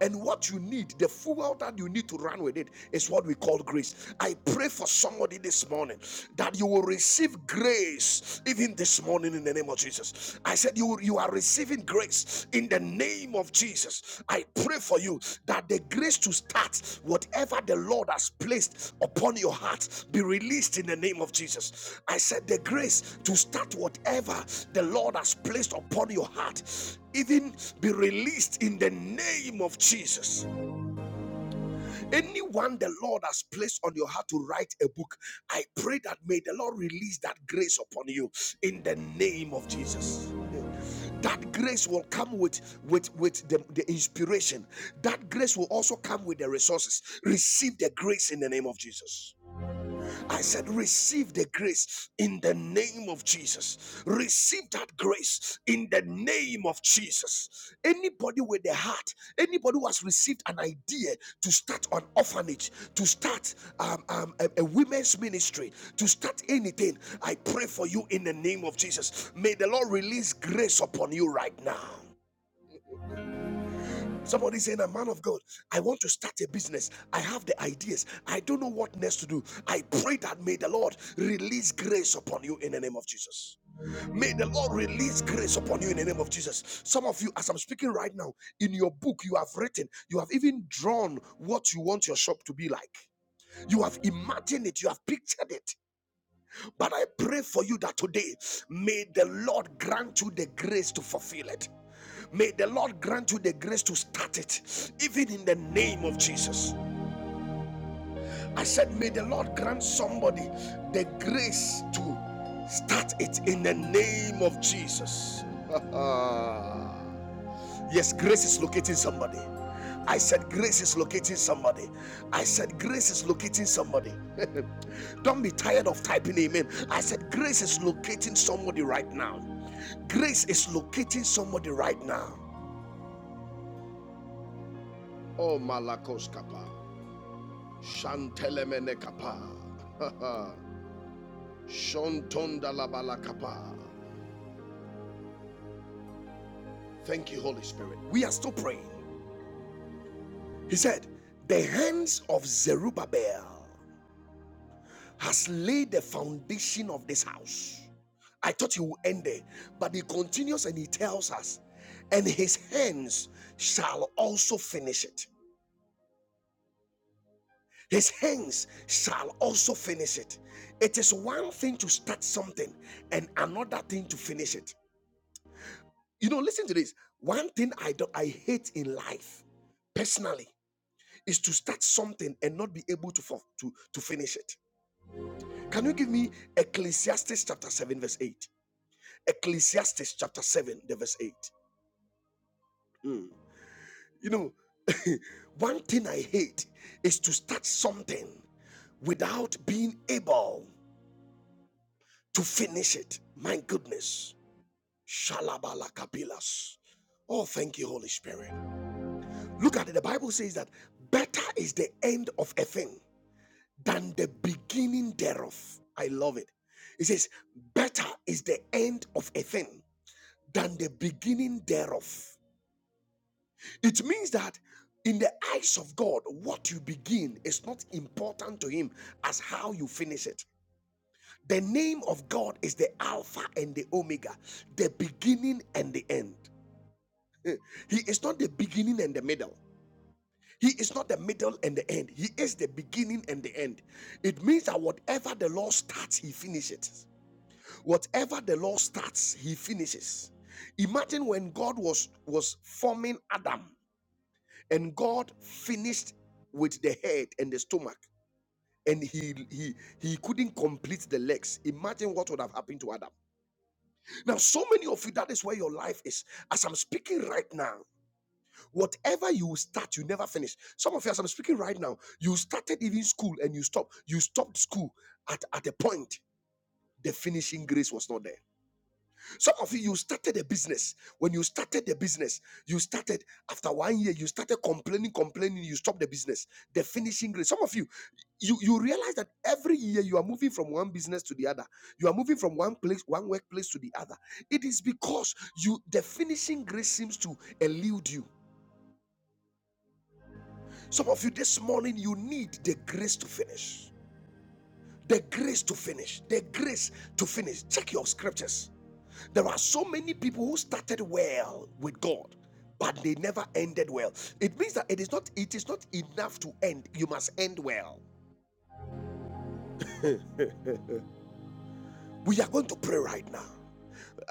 Speaker 1: and what you need, the fuel that you need to run with it, is what we call grace. I pray for somebody this morning that you will receive grace even this morning in the name of Jesus. I said, You, you are receiving grace in the name of Jesus. I pray for you that the grace to start whatever the Lord has placed upon your heart be released in the name of Jesus. I said, The grace to start whatever the Lord has placed upon your heart even be released in the name of Jesus. Anyone the Lord has placed on your heart to write a book, I pray that may the Lord release that grace upon you in the name of Jesus. That grace will come with with with the, the inspiration. That grace will also come with the resources. Receive the grace in the name of Jesus. I said, Receive the grace in the name of Jesus. Receive that grace in the name of Jesus. Anybody with a heart, anybody who has received an idea to start an orphanage, to start um, um, a, a women's ministry, to start anything, I pray for you in the name of Jesus. May the Lord release grace upon you right now. Somebody saying, A man of God, I want to start a business. I have the ideas. I don't know what next to do. I pray that may the Lord release grace upon you in the name of Jesus. May the Lord release grace upon you in the name of Jesus. Some of you, as I'm speaking right now, in your book, you have written, you have even drawn what you want your shop to be like. You have imagined it, you have pictured it. But I pray for you that today, may the Lord grant you the grace to fulfill it. May the Lord grant you the grace to start it, even in the name of Jesus. I said, May the Lord grant somebody the grace to start it in the name of Jesus. This Grace is locating somebody. I said, Grace is locating somebody. I said, Grace is locating somebody. Don't be tired of typing amen. I said, Grace is locating somebody right now. Grace is locating somebody right now. Oh, Koskapa, Telemene Kapa. Shontonda labalakapa. Thank you, Holy Spirit. We are still praying. He said, The hands of Zerubbabel has laid the foundation of this house. I thought he would end there, but he continues and he tells us, And his hands shall also finish it. His hands shall also finish it. It is one thing to start something and another thing to finish it. You know, listen to this. One thing I do I hate in life personally is to start something and not be able to, fu- to, to finish it. Can you give me Ecclesiastes chapter 7, verse 8? Ecclesiastes chapter 7, the verse 8. Hmm. You know, one thing I hate is to start something without being able to finish it. My goodness. Shalabala kapilas. Oh, thank you, Holy Spirit. Look at it. The Bible says that better is the end of a thing than the beginning thereof. I love it. It says, Better is the end of a thing than the beginning thereof. It means that in the eyes of God, what you begin is not important to Him as how you finish it. The name of God is the Alpha and the Omega, the beginning and the end. He is not the beginning and the middle. He is not the middle and the end. He is the beginning and the end. It means that whatever the Lord starts, He finishes. whatever the lord starts he finishes imagine when god was was forming adam and god finished with the head and the stomach and he he he couldn't complete the legs imagine what would have happened to adam now so many of you that is where your life is as i'm speaking right now whatever you start you never finish some of you as i'm speaking right now you started even school and you stopped you stopped school at at a point the finishing grace was not there Some of you, you started a business. When you started the business, you started after one year, you started complaining, complaining, you stopped the business. The finishing grade. Some of you, you, you realize that every year you are moving from one business to the other. You are moving from one place, one workplace to the other. It is because you the finishing grace seems to elude you. Some of you this morning, you need the grace to finish. The grace to finish. The grace to finish. Check your scriptures. There are so many people who started well with God, but they never ended well. It means that it is not it is not enough to end. You must end well. We are going to pray right now. Uh,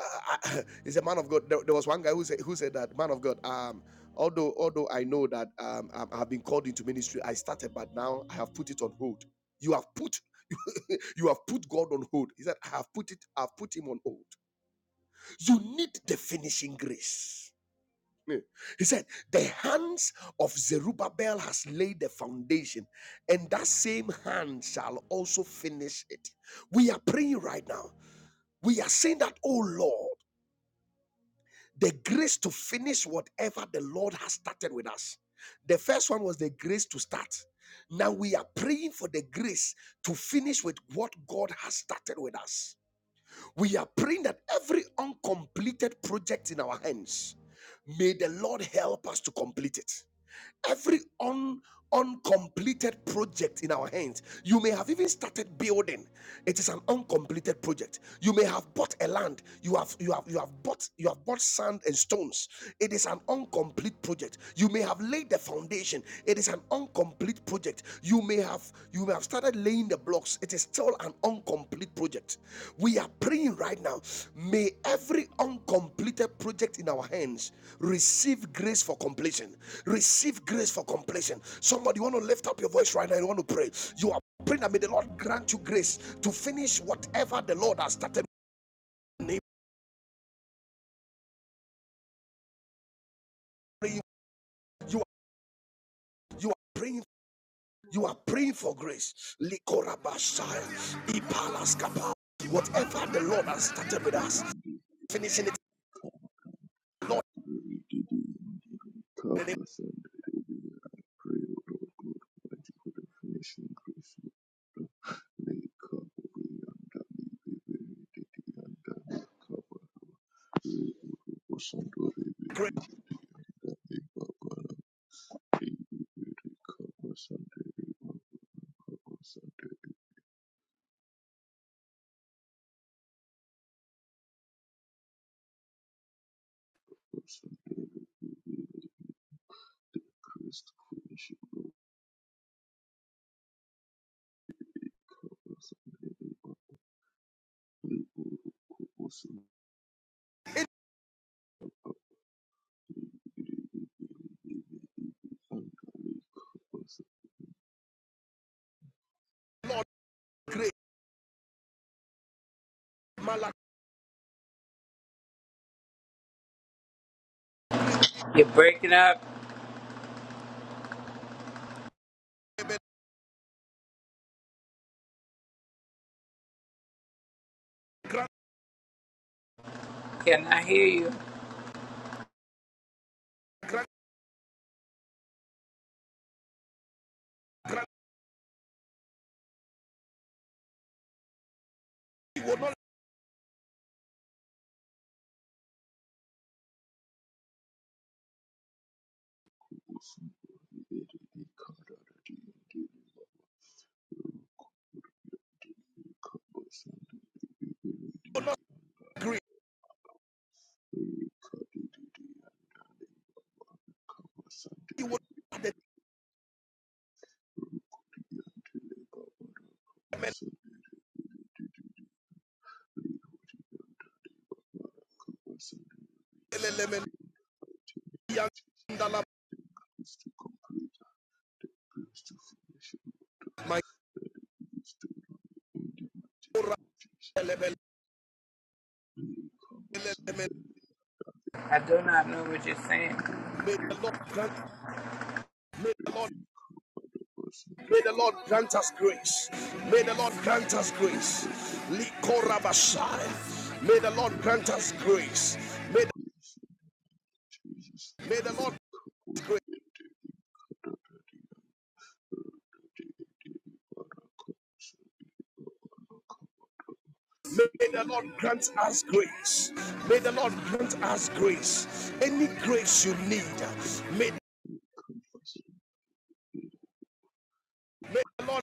Speaker 1: I- a man of God. There, there was one guy who said who said that man of God. Um, although although I know that um um, I have been called into ministry, I started, but now I have put it on hold. You have put you have put God on hold. He said, I have put it. I've put him on hold. You need the finishing grace. Yeah. He said, The hands of Zerubbabel has laid the foundation, and that same hand shall also finish it. We are praying right now. We are saying that, oh Lord, the grace to finish whatever the Lord has started with us. The first one was the grace to start. Now we are praying for the grace to finish with what God has started with us. We are praying that every uncompleted project in our hands, may the Lord help us to complete it. Every un, uncompleted project in our hands, you may have even started building. It is an uncompleted project. You may have bought a land. You have you have you have bought you have bought sand and stones. It is an incomplete project. You may have laid the foundation. It is an incomplete project. You may have you may have started laying the blocks, it is still an incomplete project. We are praying right now. May every uncompleted project in our hands receive grace for completion. Receive grace for completion. Somebody you want to lift up your voice right now. You want to pray. You are praying that may the Lord grant you grace to finish whatever the Lord has started. You are you are praying. You are praying for grace. Whatever the Lord has started with us, finishing it. Lord in the name
Speaker 3: Cover us and I pray, O Lord God, that you could have finished in grace. Thank
Speaker 4: You're breaking up. Can I hear you?
Speaker 3: you. Kabasante Rikari Didi Kabasante Rukuriante Leba Barosante Didi Rihurianta Bara Kabasante
Speaker 1: My
Speaker 3: in the mighty name of Jesus. The grace to complete and the grace to finish your work that it is to run in the mighty name of Jesus. Rikabasante Rikari
Speaker 4: I do not know what you're saying.
Speaker 3: Kabasante
Speaker 1: May the Lord grant, may
Speaker 3: Thank
Speaker 1: the Lord, may the Lord grant us grace. May the Lord grant us grace. Likorabashai. May the Lord grant us grace. May the, may the Lord grant us grace. May the Lord grant us grace. May the Lord grant us grace. Any grace you need, may, may the Lord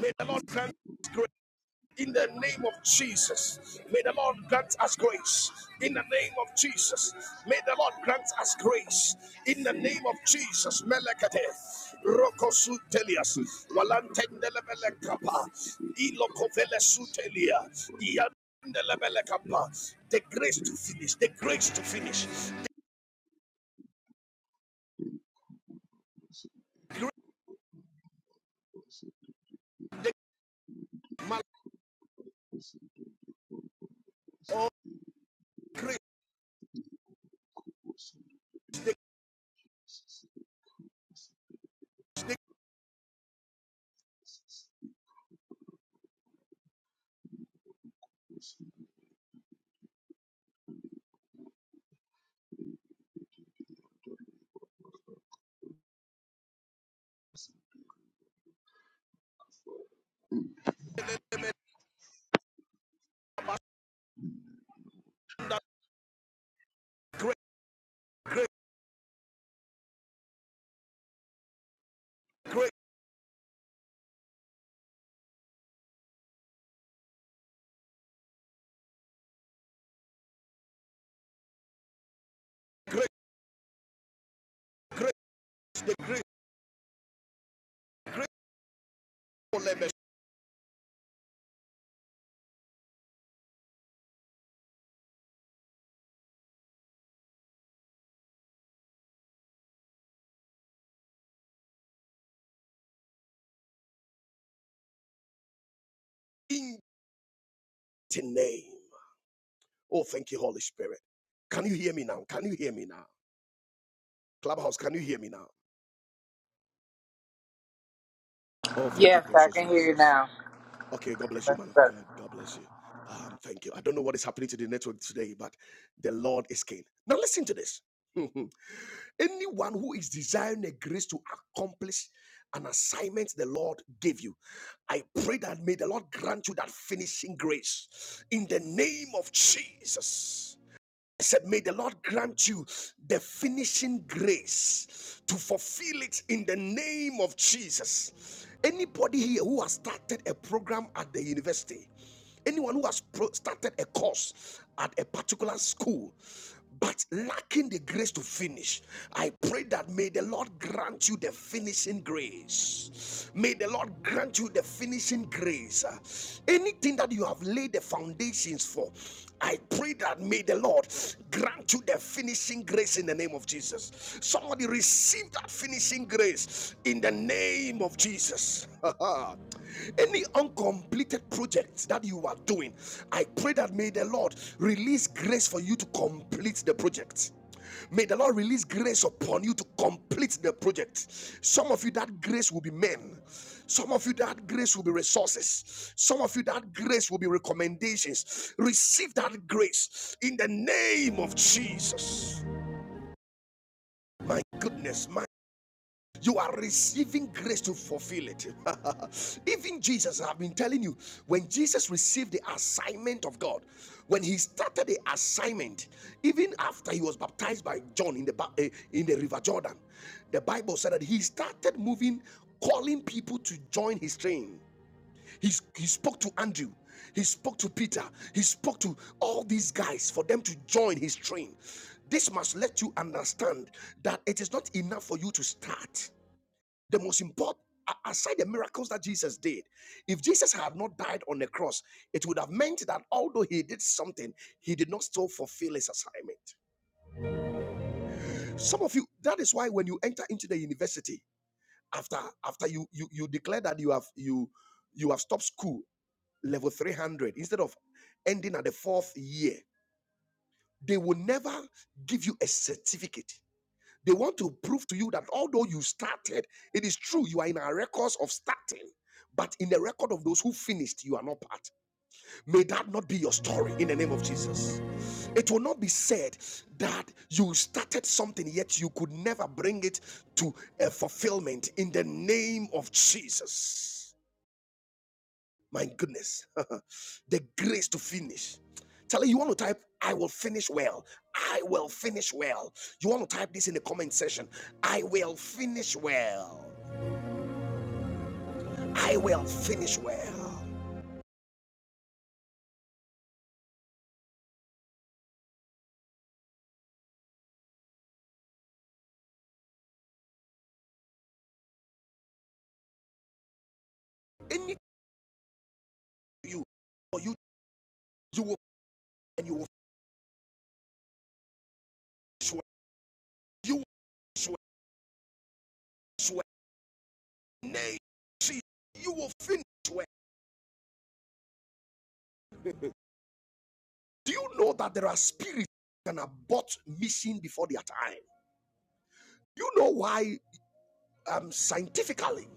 Speaker 1: May the Lord grant us grace. In the name of Jesus, may
Speaker 3: you.
Speaker 1: the Lord grant us grace. In the name of Jesus, may the Lord grant us grace. In the name of Jesus, Melekate, Rokosu Telias, Walantendelebele Kappa, Ilokovele Sutelia, Iandelebele Kappa. The grace to finish, the grace to finish. Grace, oh, grace, grace, the grace, grace, in the name. Oh, thank you, Holy Spirit. Can you hear me now? Can you hear me now? Clubhouse, can you hear me now? Oh, thank you,
Speaker 4: Yes, I
Speaker 1: precious
Speaker 4: can hear you
Speaker 1: Jesus.
Speaker 4: now.
Speaker 1: Okay, God bless you,
Speaker 4: That's
Speaker 1: man of
Speaker 4: better.
Speaker 1: God. God bless you. Um, thank you. I don't know what is happening to the network today, but the Lord is king. Now listen to this. Anyone who is desiring a grace to accomplish an assignment the Lord gave you, I pray that may the Lord grant you that finishing grace in the name of Jesus. I said, May the Lord grant you the finishing grace to fulfill it in the name of Jesus. Anybody here who has started a program at the university, Anyone who has started a course at a particular school but lacking the grace to finish, I pray that may the Lord grant you the finishing grace. May the Lord grant you the finishing grace. Uh, Anything that you have laid the foundations for, I pray that may the Lord grant you the finishing grace in the name of Jesus. Somebody receive that finishing grace in the name of Jesus. Any uncompleted projects that you are doing, I pray that may the Lord release grace for you to complete the project. May the Lord release grace upon you to complete the project. Some of you, that grace will be men. Some of you, that grace will be resources. Some of you, that grace will be recommendations. Receive that grace in the name of Jesus. My goodness, my you are receiving grace to fulfill it. Even Jesus, I've been telling you, when Jesus received the assignment of God, when he started the assignment, even after he was baptized by John in the eh, in the River Jordan, the Bible said that he started moving, calling people to join his train. He, he spoke to Andrew, he spoke to Peter, he spoke to all these guys for them to join his train. This must let you understand that it is not enough for you to start. The most important, aside the miracles that Jesus did, if Jesus had not died on the cross, it would have meant that although he did something, he did not still fulfill his assignment. Some of you, that is why when you enter into the university, after after you you, you declare that you have you you have stopped school level 300 instead of ending at the fourth year, they will never give you a certificate They want to prove to you that although you started, it is true you are in our records of starting, but in the record of those who finished, you are not part. May that not be your story in the name of Jesus. It will not be said that you started something yet you could never bring it to a fulfillment in the name of Jesus. My goodness. the grace to finish. Charlie, you want to type, I will finish well. I will finish well. You want to type this in the comment section. I will finish well. I will finish well. Any you or you you will and you will finish well. You will finish well. finish well. Nay, see, you will finish well. Do you know that there are spirits that can abort mission before their time? You know why um scientifically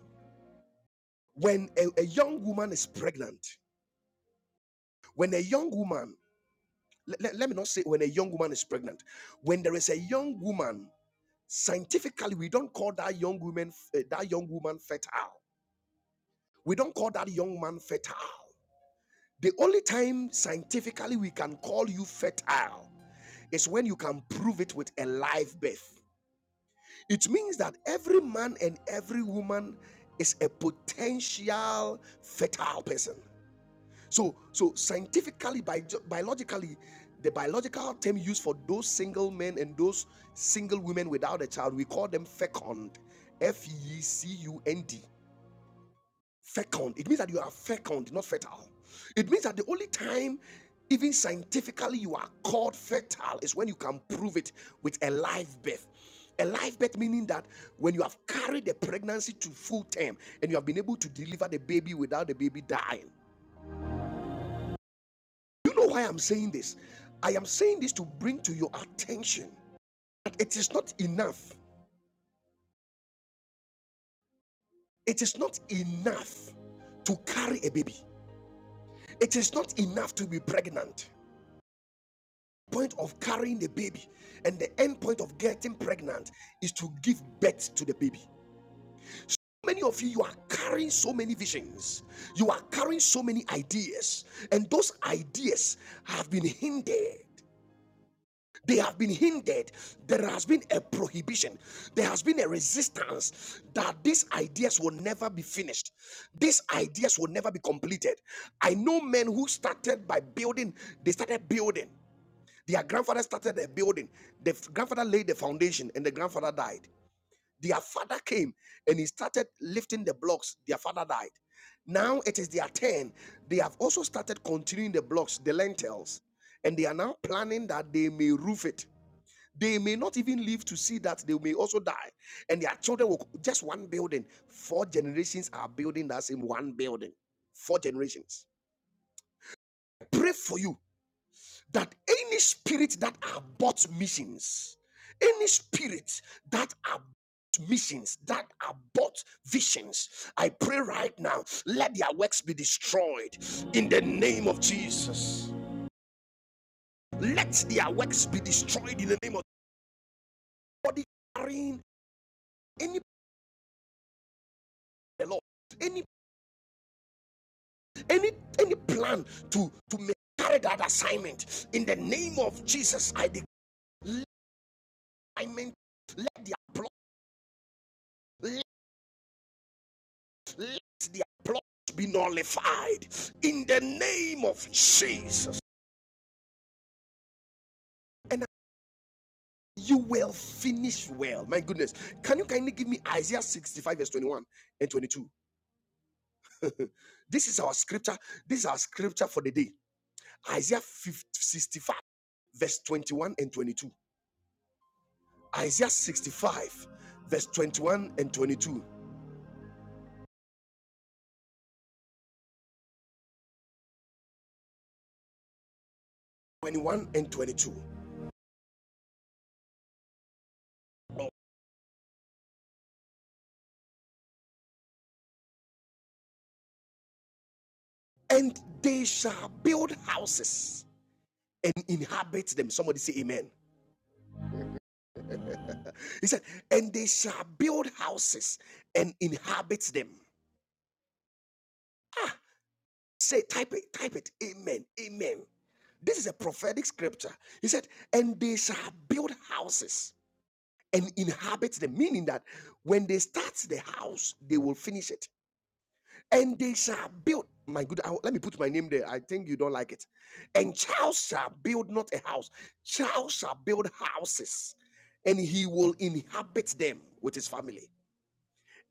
Speaker 1: when a, a young woman is pregnant When a young woman, let, let let me not say when a young woman is pregnant, when there is a young woman, scientifically, we don't call that young woman uh, that young woman fertile. We don't call that young man fertile. The only time scientifically we can call you fertile is when you can prove it with a live birth. It means that every man and every woman is a potential fertile person. So, so scientifically, bi- biologically, the biological term used for those single men and those single women without a child, we call them fecund. F E C U N D. Fecund. It means that you are fecund, not fertile. It means that the only time, even scientifically, you are called fertile is when you can prove it with a live birth. A live birth meaning that when you have carried the pregnancy to full term and you have been able to deliver the baby without the baby dying. You know why I'm saying this? I am saying this to bring to your attention that it is not enough. It is not enough to carry a baby. It is not enough to be pregnant. The Point of carrying the baby and the end point of getting pregnant is to give birth to the baby. Many of you, you are carrying so many visions, you are carrying so many ideas, and those ideas have been hindered they have been hindered. There has been a prohibition. There has been a resistance that these ideas will never be finished. These ideas will never be completed. I know men who started by building, they started building. Their grandfather started a building. The f- grandfather laid the foundation and the grandfather died. Their father came and he started lifting the blocks. Their father died. Now it is their turn. They have also started continuing the blocks, the lentils, and they are now planning that they may roof it they may not even live to see that they may also die, and their children will just one building. Four generations are building that same one building. Four generations. Pray for you that any spirit that abort missions, any spirit that abort missions, that abort visions, I pray right now, let their works be destroyed in the name of Jesus. Let their works be destroyed in the name of body carrying any the Lord. any any any plan to to carry that assignment in the name of jesus i declare let alignment, let the plot let, let their plot be nullified in the name of jesus and you will finish well my goodness can you kindly give me isaiah 65 verse 21 and 22 this is our scripture this is our scripture for the day isaiah 50, 65 verse 21 and 22 Isaiah 65, verse 21 and 22. 21 and 22. And they shall build houses and inhabit them. Somebody say amen. he said, and they shall build houses and inhabit them. Ah, say, type it, type it. Amen. Amen. This is a prophetic scripture. He said, and they shall build houses and inhabit them, meaning that when they start the house, they will finish it. and they shall build my good I- let me put my name there i think you don't like it and charles shall build not a house charles shall build houses and he will inhabit them with his family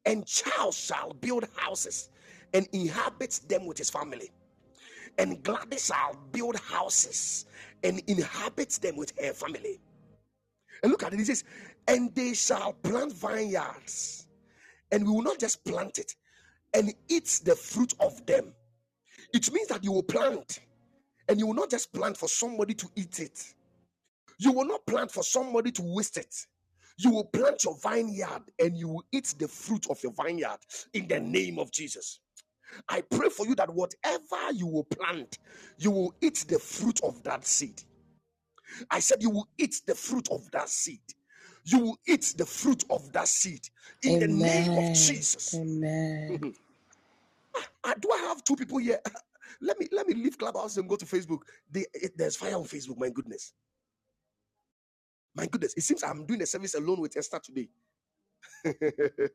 Speaker 1: and charles shall build houses and inhabit them with his family and gladys shall build houses and inhabit them with her family and look at it he says and they shall plant vineyards and we will not just plant it and eat the fruit of them It means that you will plant and you will not just plant for somebody to eat it. You will not plant for somebody to waste it. You will plant your vineyard and you will eat the fruit of your vineyard in the name of Jesus. I pray for you that whatever you will plant, you will eat the fruit of that seed. I said, You will eat the fruit of that seed. You will eat the fruit of that seed in the name of
Speaker 2: Amen.
Speaker 1: Jesus.
Speaker 2: Amen.
Speaker 1: Ah, do I have two people here? let me let me leave Clubhouse and go to Facebook. They, it- there's fire on Facebook. My goodness, my goodness. It seems I'm doing a service alone with Esther today.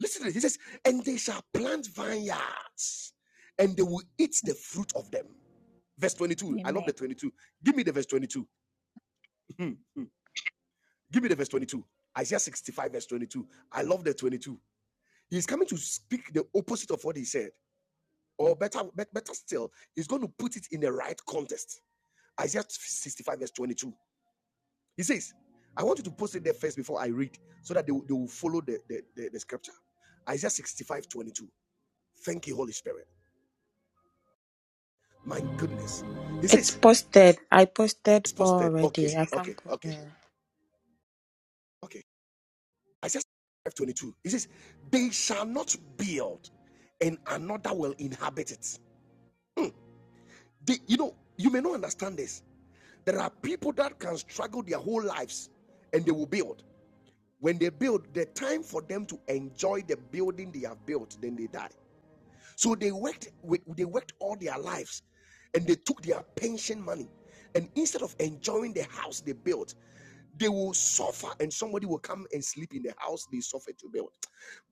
Speaker 1: Listen to this. He says, "And they shall plant vineyards, and they will eat the fruit of them." Verse 22. I
Speaker 5: Amen.
Speaker 1: love the 22. Give me the verse 22. Give me the verse 22. Isaiah 65, verse 22. I love the 22. He's coming to speak the opposite of what he said, or better, better still, he's going to put it in the right context. Isaiah 65, verse 22. He says, I want you to post it there first before I read so that they, will- they will follow the, the, the, the scripture. Isaiah 65:22. Thank you, Holy Spirit. My goodness. He
Speaker 2: It's
Speaker 1: says,
Speaker 2: posted. I posted
Speaker 1: it's posted. Okay,
Speaker 2: already. I can
Speaker 1: okay,
Speaker 2: post.
Speaker 1: okay,
Speaker 2: it.
Speaker 1: okay. Isaiah 65:22. He says, They shall not build, and another will inhabit it. They, you know, you may not understand this. There are people that can struggle their whole lives and they will build. When they build, the time for them to enjoy the building they have built, then they die. So they worked with, they worked all their lives and they took their pension money. And instead of enjoying the house they built, they will suffer and somebody will come and sleep in the house they suffered to build.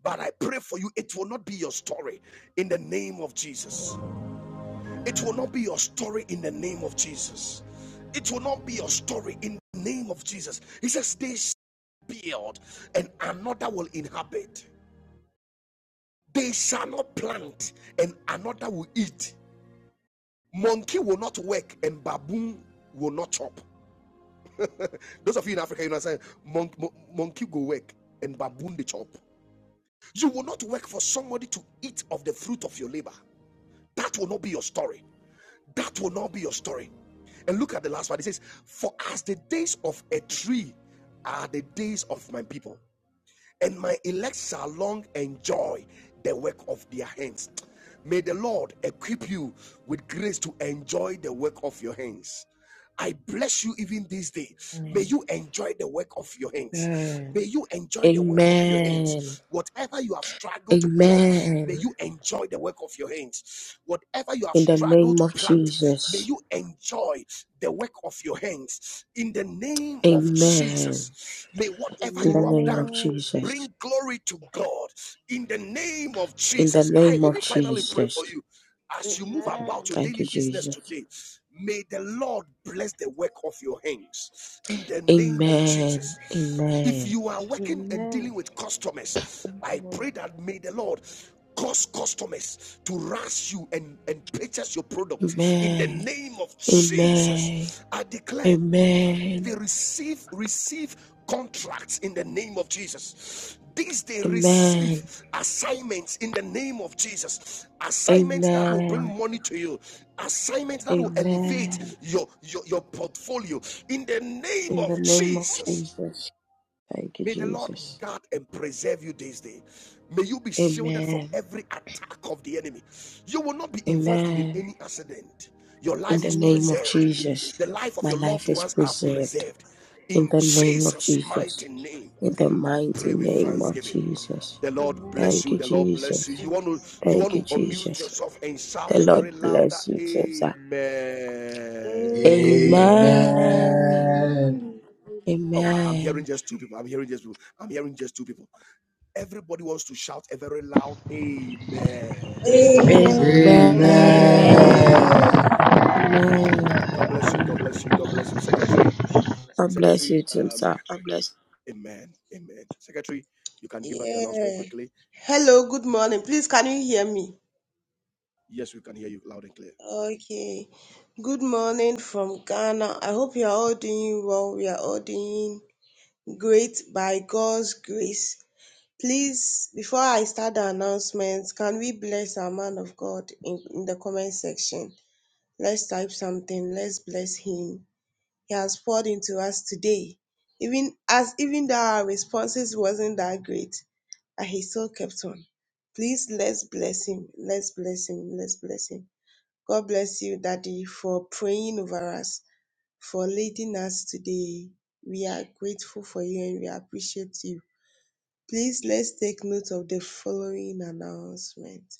Speaker 1: But I pray for you, it will not be your story in the name of Jesus. It will not be your story in the name of Jesus. It will not be your story in the name of Jesus. He says, They build and another will inhabit. They shall not plant and another will eat. Monkey will not work and baboon will not chop. Those of you in Africa, you know what I'm saying? Monk, mon- monkey go work and baboon the chop. You will not work for somebody to eat of the fruit of your labor. That will not be your story. That will not be your story. And look at the last one. It says, For as the days of a tree are the days of my people. and my elect shall long enjoy the work of their hands. May the Lord equip you with grace to enjoy the work of your hands. I bless you even this day. May
Speaker 2: Amen.
Speaker 1: you enjoy the work of your hands.
Speaker 2: Amen.
Speaker 1: May you enjoy the work of your
Speaker 2: Amen.
Speaker 1: hands. Whatever you have struggled to build, may
Speaker 2: Amen.
Speaker 1: you enjoy the work of your hands. Whatever you have
Speaker 2: In the
Speaker 1: struggled
Speaker 2: name
Speaker 1: to
Speaker 2: of
Speaker 1: plant, may
Speaker 2: Jesus.
Speaker 1: you enjoy the work of your hands. In the name of
Speaker 2: Amen.
Speaker 1: Jesus, may whatever
Speaker 2: In the
Speaker 1: you have
Speaker 2: name of
Speaker 1: done
Speaker 6: Amen.
Speaker 2: Jesus.
Speaker 1: Bring glory to God in the name of
Speaker 2: In the
Speaker 1: Jesus. I
Speaker 2: name of
Speaker 1: even finally pray
Speaker 2: Jesus.
Speaker 1: for you as you move
Speaker 6: Amen.
Speaker 1: about your
Speaker 2: Thank
Speaker 1: daily
Speaker 2: you,
Speaker 1: business
Speaker 2: Jesus.
Speaker 1: today. May the Lord bless the work of your hands in the name of
Speaker 2: Amen.
Speaker 1: Jesus. If
Speaker 2: Amen.
Speaker 1: you are working and
Speaker 6: Amen.
Speaker 1: dealing with customers,
Speaker 6: Thank you,
Speaker 1: I
Speaker 6: Lord.
Speaker 1: pray that may the Lord cause customers to rush you and, and purchase your product in the
Speaker 2: Amen.
Speaker 1: name of
Speaker 2: Amen.
Speaker 1: Jesus. I declare
Speaker 2: Amen.
Speaker 1: they receive receive contracts in the name of jesus these they receive
Speaker 2: Amen.
Speaker 1: assignments in the name of jesus assignments that will bring
Speaker 2: Amen.
Speaker 1: money to you assignments that will elevate
Speaker 2: Amen.
Speaker 1: your your, your portfolio in the name
Speaker 2: In the
Speaker 1: of
Speaker 2: name of
Speaker 1: jesus
Speaker 2: Jesus. Thank you,
Speaker 1: May the Lord
Speaker 2: Jesus.
Speaker 1: guard and preserve you this day. May you be shielded from
Speaker 2: Amen.
Speaker 1: every attack of the enemy. You will not be involved in
Speaker 2: Amen.
Speaker 1: any accident. Your
Speaker 2: In
Speaker 1: life
Speaker 2: the
Speaker 1: is
Speaker 2: name
Speaker 6: Amen.
Speaker 2: of
Speaker 1: preserved.
Speaker 2: Jesus.
Speaker 1: The life of
Speaker 2: My
Speaker 1: your
Speaker 2: life
Speaker 1: loved
Speaker 2: is
Speaker 1: ones are
Speaker 2: preserved.
Speaker 1: preserved.
Speaker 2: In
Speaker 1: In
Speaker 2: the name of
Speaker 1: Jesus'
Speaker 2: Jesus.
Speaker 1: mighty name,
Speaker 2: In the mighty
Speaker 1: pray with
Speaker 2: name of
Speaker 1: thanksgiving.
Speaker 2: Jesus.
Speaker 1: The Lord
Speaker 6: Amen.
Speaker 1: bless
Speaker 2: Thank
Speaker 1: you.
Speaker 2: you,
Speaker 1: The Lord bless you.
Speaker 2: Jesus.
Speaker 1: You
Speaker 6: Amen.
Speaker 1: want to you
Speaker 2: Thank
Speaker 1: want
Speaker 2: you,
Speaker 1: to unmute
Speaker 2: Jesus.
Speaker 1: yourself and
Speaker 2: The
Speaker 1: shout a
Speaker 2: Lord
Speaker 1: very louder
Speaker 2: bless you, too, sir.
Speaker 1: Amen.
Speaker 6: Amen.
Speaker 7: Amen.
Speaker 2: Amen.
Speaker 8: Amen.
Speaker 1: Oh, I- I'm hearing
Speaker 2: Amen.
Speaker 1: just two people. I'm hearing just people. I'm hearing just two people. Everybody wants to shout a very loud amen.
Speaker 7: Amen.
Speaker 9: Amen.
Speaker 10: Amen.
Speaker 6: Amen.
Speaker 2: Amen.
Speaker 11: Amen.
Speaker 3: Amen.
Speaker 8: Amen.
Speaker 3: Amen.
Speaker 6: Amen.
Speaker 2: Amen.
Speaker 1: God bless you. God bless you. God
Speaker 6: Amen.
Speaker 1: bless you. Secretary,
Speaker 2: God bless
Speaker 1: Secretary,
Speaker 2: you, too, sir.
Speaker 1: um, amen. Amen. Secretary, you can give us the announcement
Speaker 9: Yeah.
Speaker 1: quickly.
Speaker 9: Hello, good morning. Please, can you hear me?
Speaker 1: Yes, we can hear you loud and clear.
Speaker 9: Okay. Good morning from Ghana. I hope you are all doing well. We are all doing great by God's grace. Please, before I start the announcements, can we bless our man of God in, in the comment section? Let's type something. Let's bless him. he has poured into us today. Even as even though our responses wasn't that great, but he still kept on. Please let's bless him. Let's bless him. Let's bless him. God bless you, Daddy, for praying over us, for leading us today. We are grateful for you and we appreciate you. Please let's take note of the following announcement.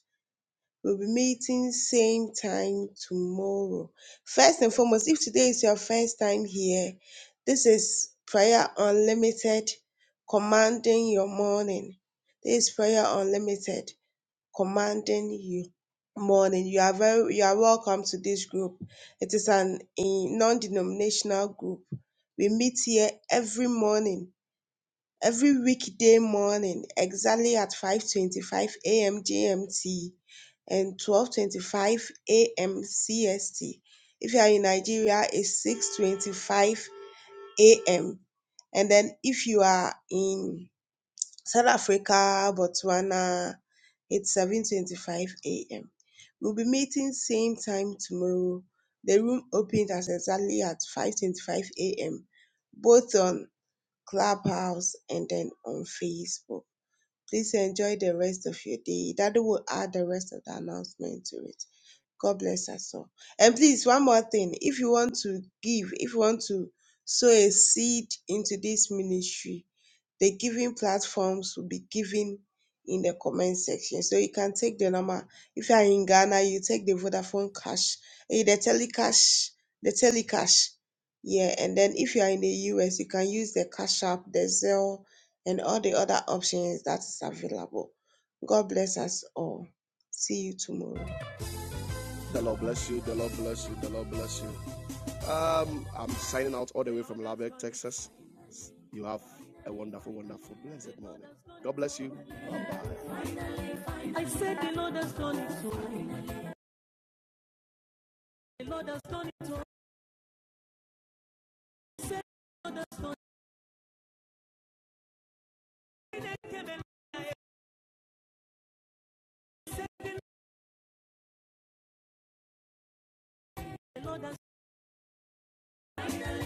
Speaker 9: We'll be meeting same time tomorrow. First and foremost, if today is your first time here, this is Prayer Unlimited commanding your morning. This is Prayer Unlimited commanding you morning. You are very you are welcome to this group. It is an a non-denominational group. We meet here every morning every weekday morning exactly at 5:25 a.m. GMT and 12:25 a.m. CST. If you are in Nigeria, it's 6:25 a.m. And then if you are in South Africa, Botswana, it's 7:25 a.m. We'll be meeting same time tomorrow. The room opens as exactly at 5:25 a.m. Both on Clubhouse, and then on Facebook. Please enjoy the rest of your day. Daddy will add the rest of the announcement to it. God bless us all. And please, one more thing. If you want to give, if you want to sow a seed into this ministry, the giving platforms will be given in the comment section. So you can take the number. If you are in Ghana, you take the Vodafone cash, eh, the telecash, the telecash. Yeah, and then if you are in the US, you can use the Cash App, the Zelle, and all the other options that is available. God bless us all. See you tomorrow.
Speaker 1: The Lord bless you. The Lord bless you. The Lord bless you. Um, I'm signing out all the way from Lubbock, Texas. You have a wonderful, wonderful, blessed morning. God bless you. Bye bye. I said the Lord has done it. so. The Lord has done it. so. the Lord has done it. I don't wanna be your friend.